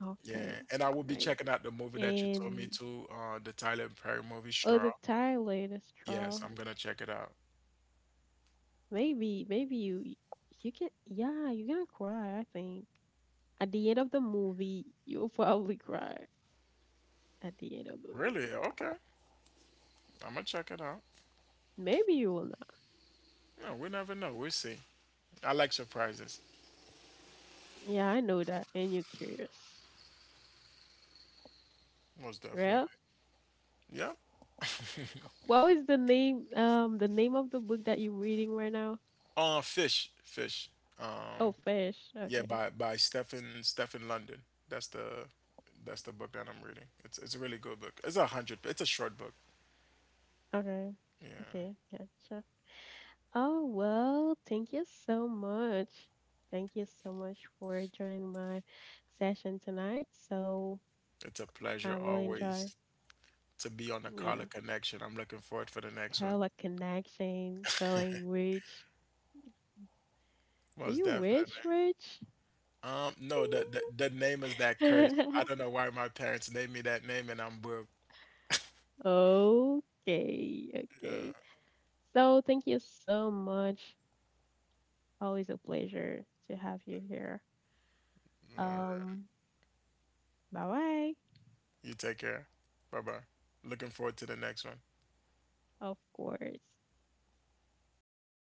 Speaker 1: Okay.
Speaker 2: Yeah, and I
Speaker 1: That's
Speaker 2: will be
Speaker 1: great.
Speaker 2: checking out the movie that you told me
Speaker 1: And
Speaker 2: to, the Tyler Perry movie, Straw.
Speaker 1: other Tyler, that's
Speaker 2: Yes,
Speaker 1: trial.
Speaker 2: I'm gonna check it out.
Speaker 1: Maybe, maybe you can, yeah, you're gonna cry. I think at the end of the movie you'll [laughs] probably cry at the end of the
Speaker 2: Really?
Speaker 1: movie.
Speaker 2: Okay. I'm gonna check it out.
Speaker 1: Maybe you will.
Speaker 2: No, we never know. We'll see. I like surprises,
Speaker 1: Yeah, I know that, and you're curious.
Speaker 2: most definitely.
Speaker 1: Real?
Speaker 2: Yeah.
Speaker 1: What was the name, um, the name of the book that you're reading right now?
Speaker 2: Fish, fish.
Speaker 1: Oh,
Speaker 2: Um,
Speaker 1: Fish.
Speaker 2: yeah,
Speaker 1: Okay.
Speaker 2: by Stephen London. That's the that's the book that I'm reading. It's a really good book. It's 100. It's a short book.
Speaker 1: Okay.
Speaker 2: Yeah.
Speaker 1: Okay, gotcha. Oh, well, thank you so much. Thank you so much for joining my session tonight. So,
Speaker 2: It's a pleasure
Speaker 1: I will enjoy.
Speaker 2: always to be on the
Speaker 1: Yeah.
Speaker 2: Carla Connection. I'm looking forward for the next one.
Speaker 1: Color Connection, calling Rich. Are
Speaker 2: Most
Speaker 1: you rich,
Speaker 2: definitely.
Speaker 1: rich?
Speaker 2: No, the name is that curse. I don't
Speaker 1: [laughs]
Speaker 2: know why my parents named me that name, and I'm broke.
Speaker 1: Okay, okay.
Speaker 2: Yeah.
Speaker 1: So thank you so much. Always a pleasure to have you here. Um, bye bye,
Speaker 2: You take care. Bye bye. Looking forward to the next one.
Speaker 1: of course.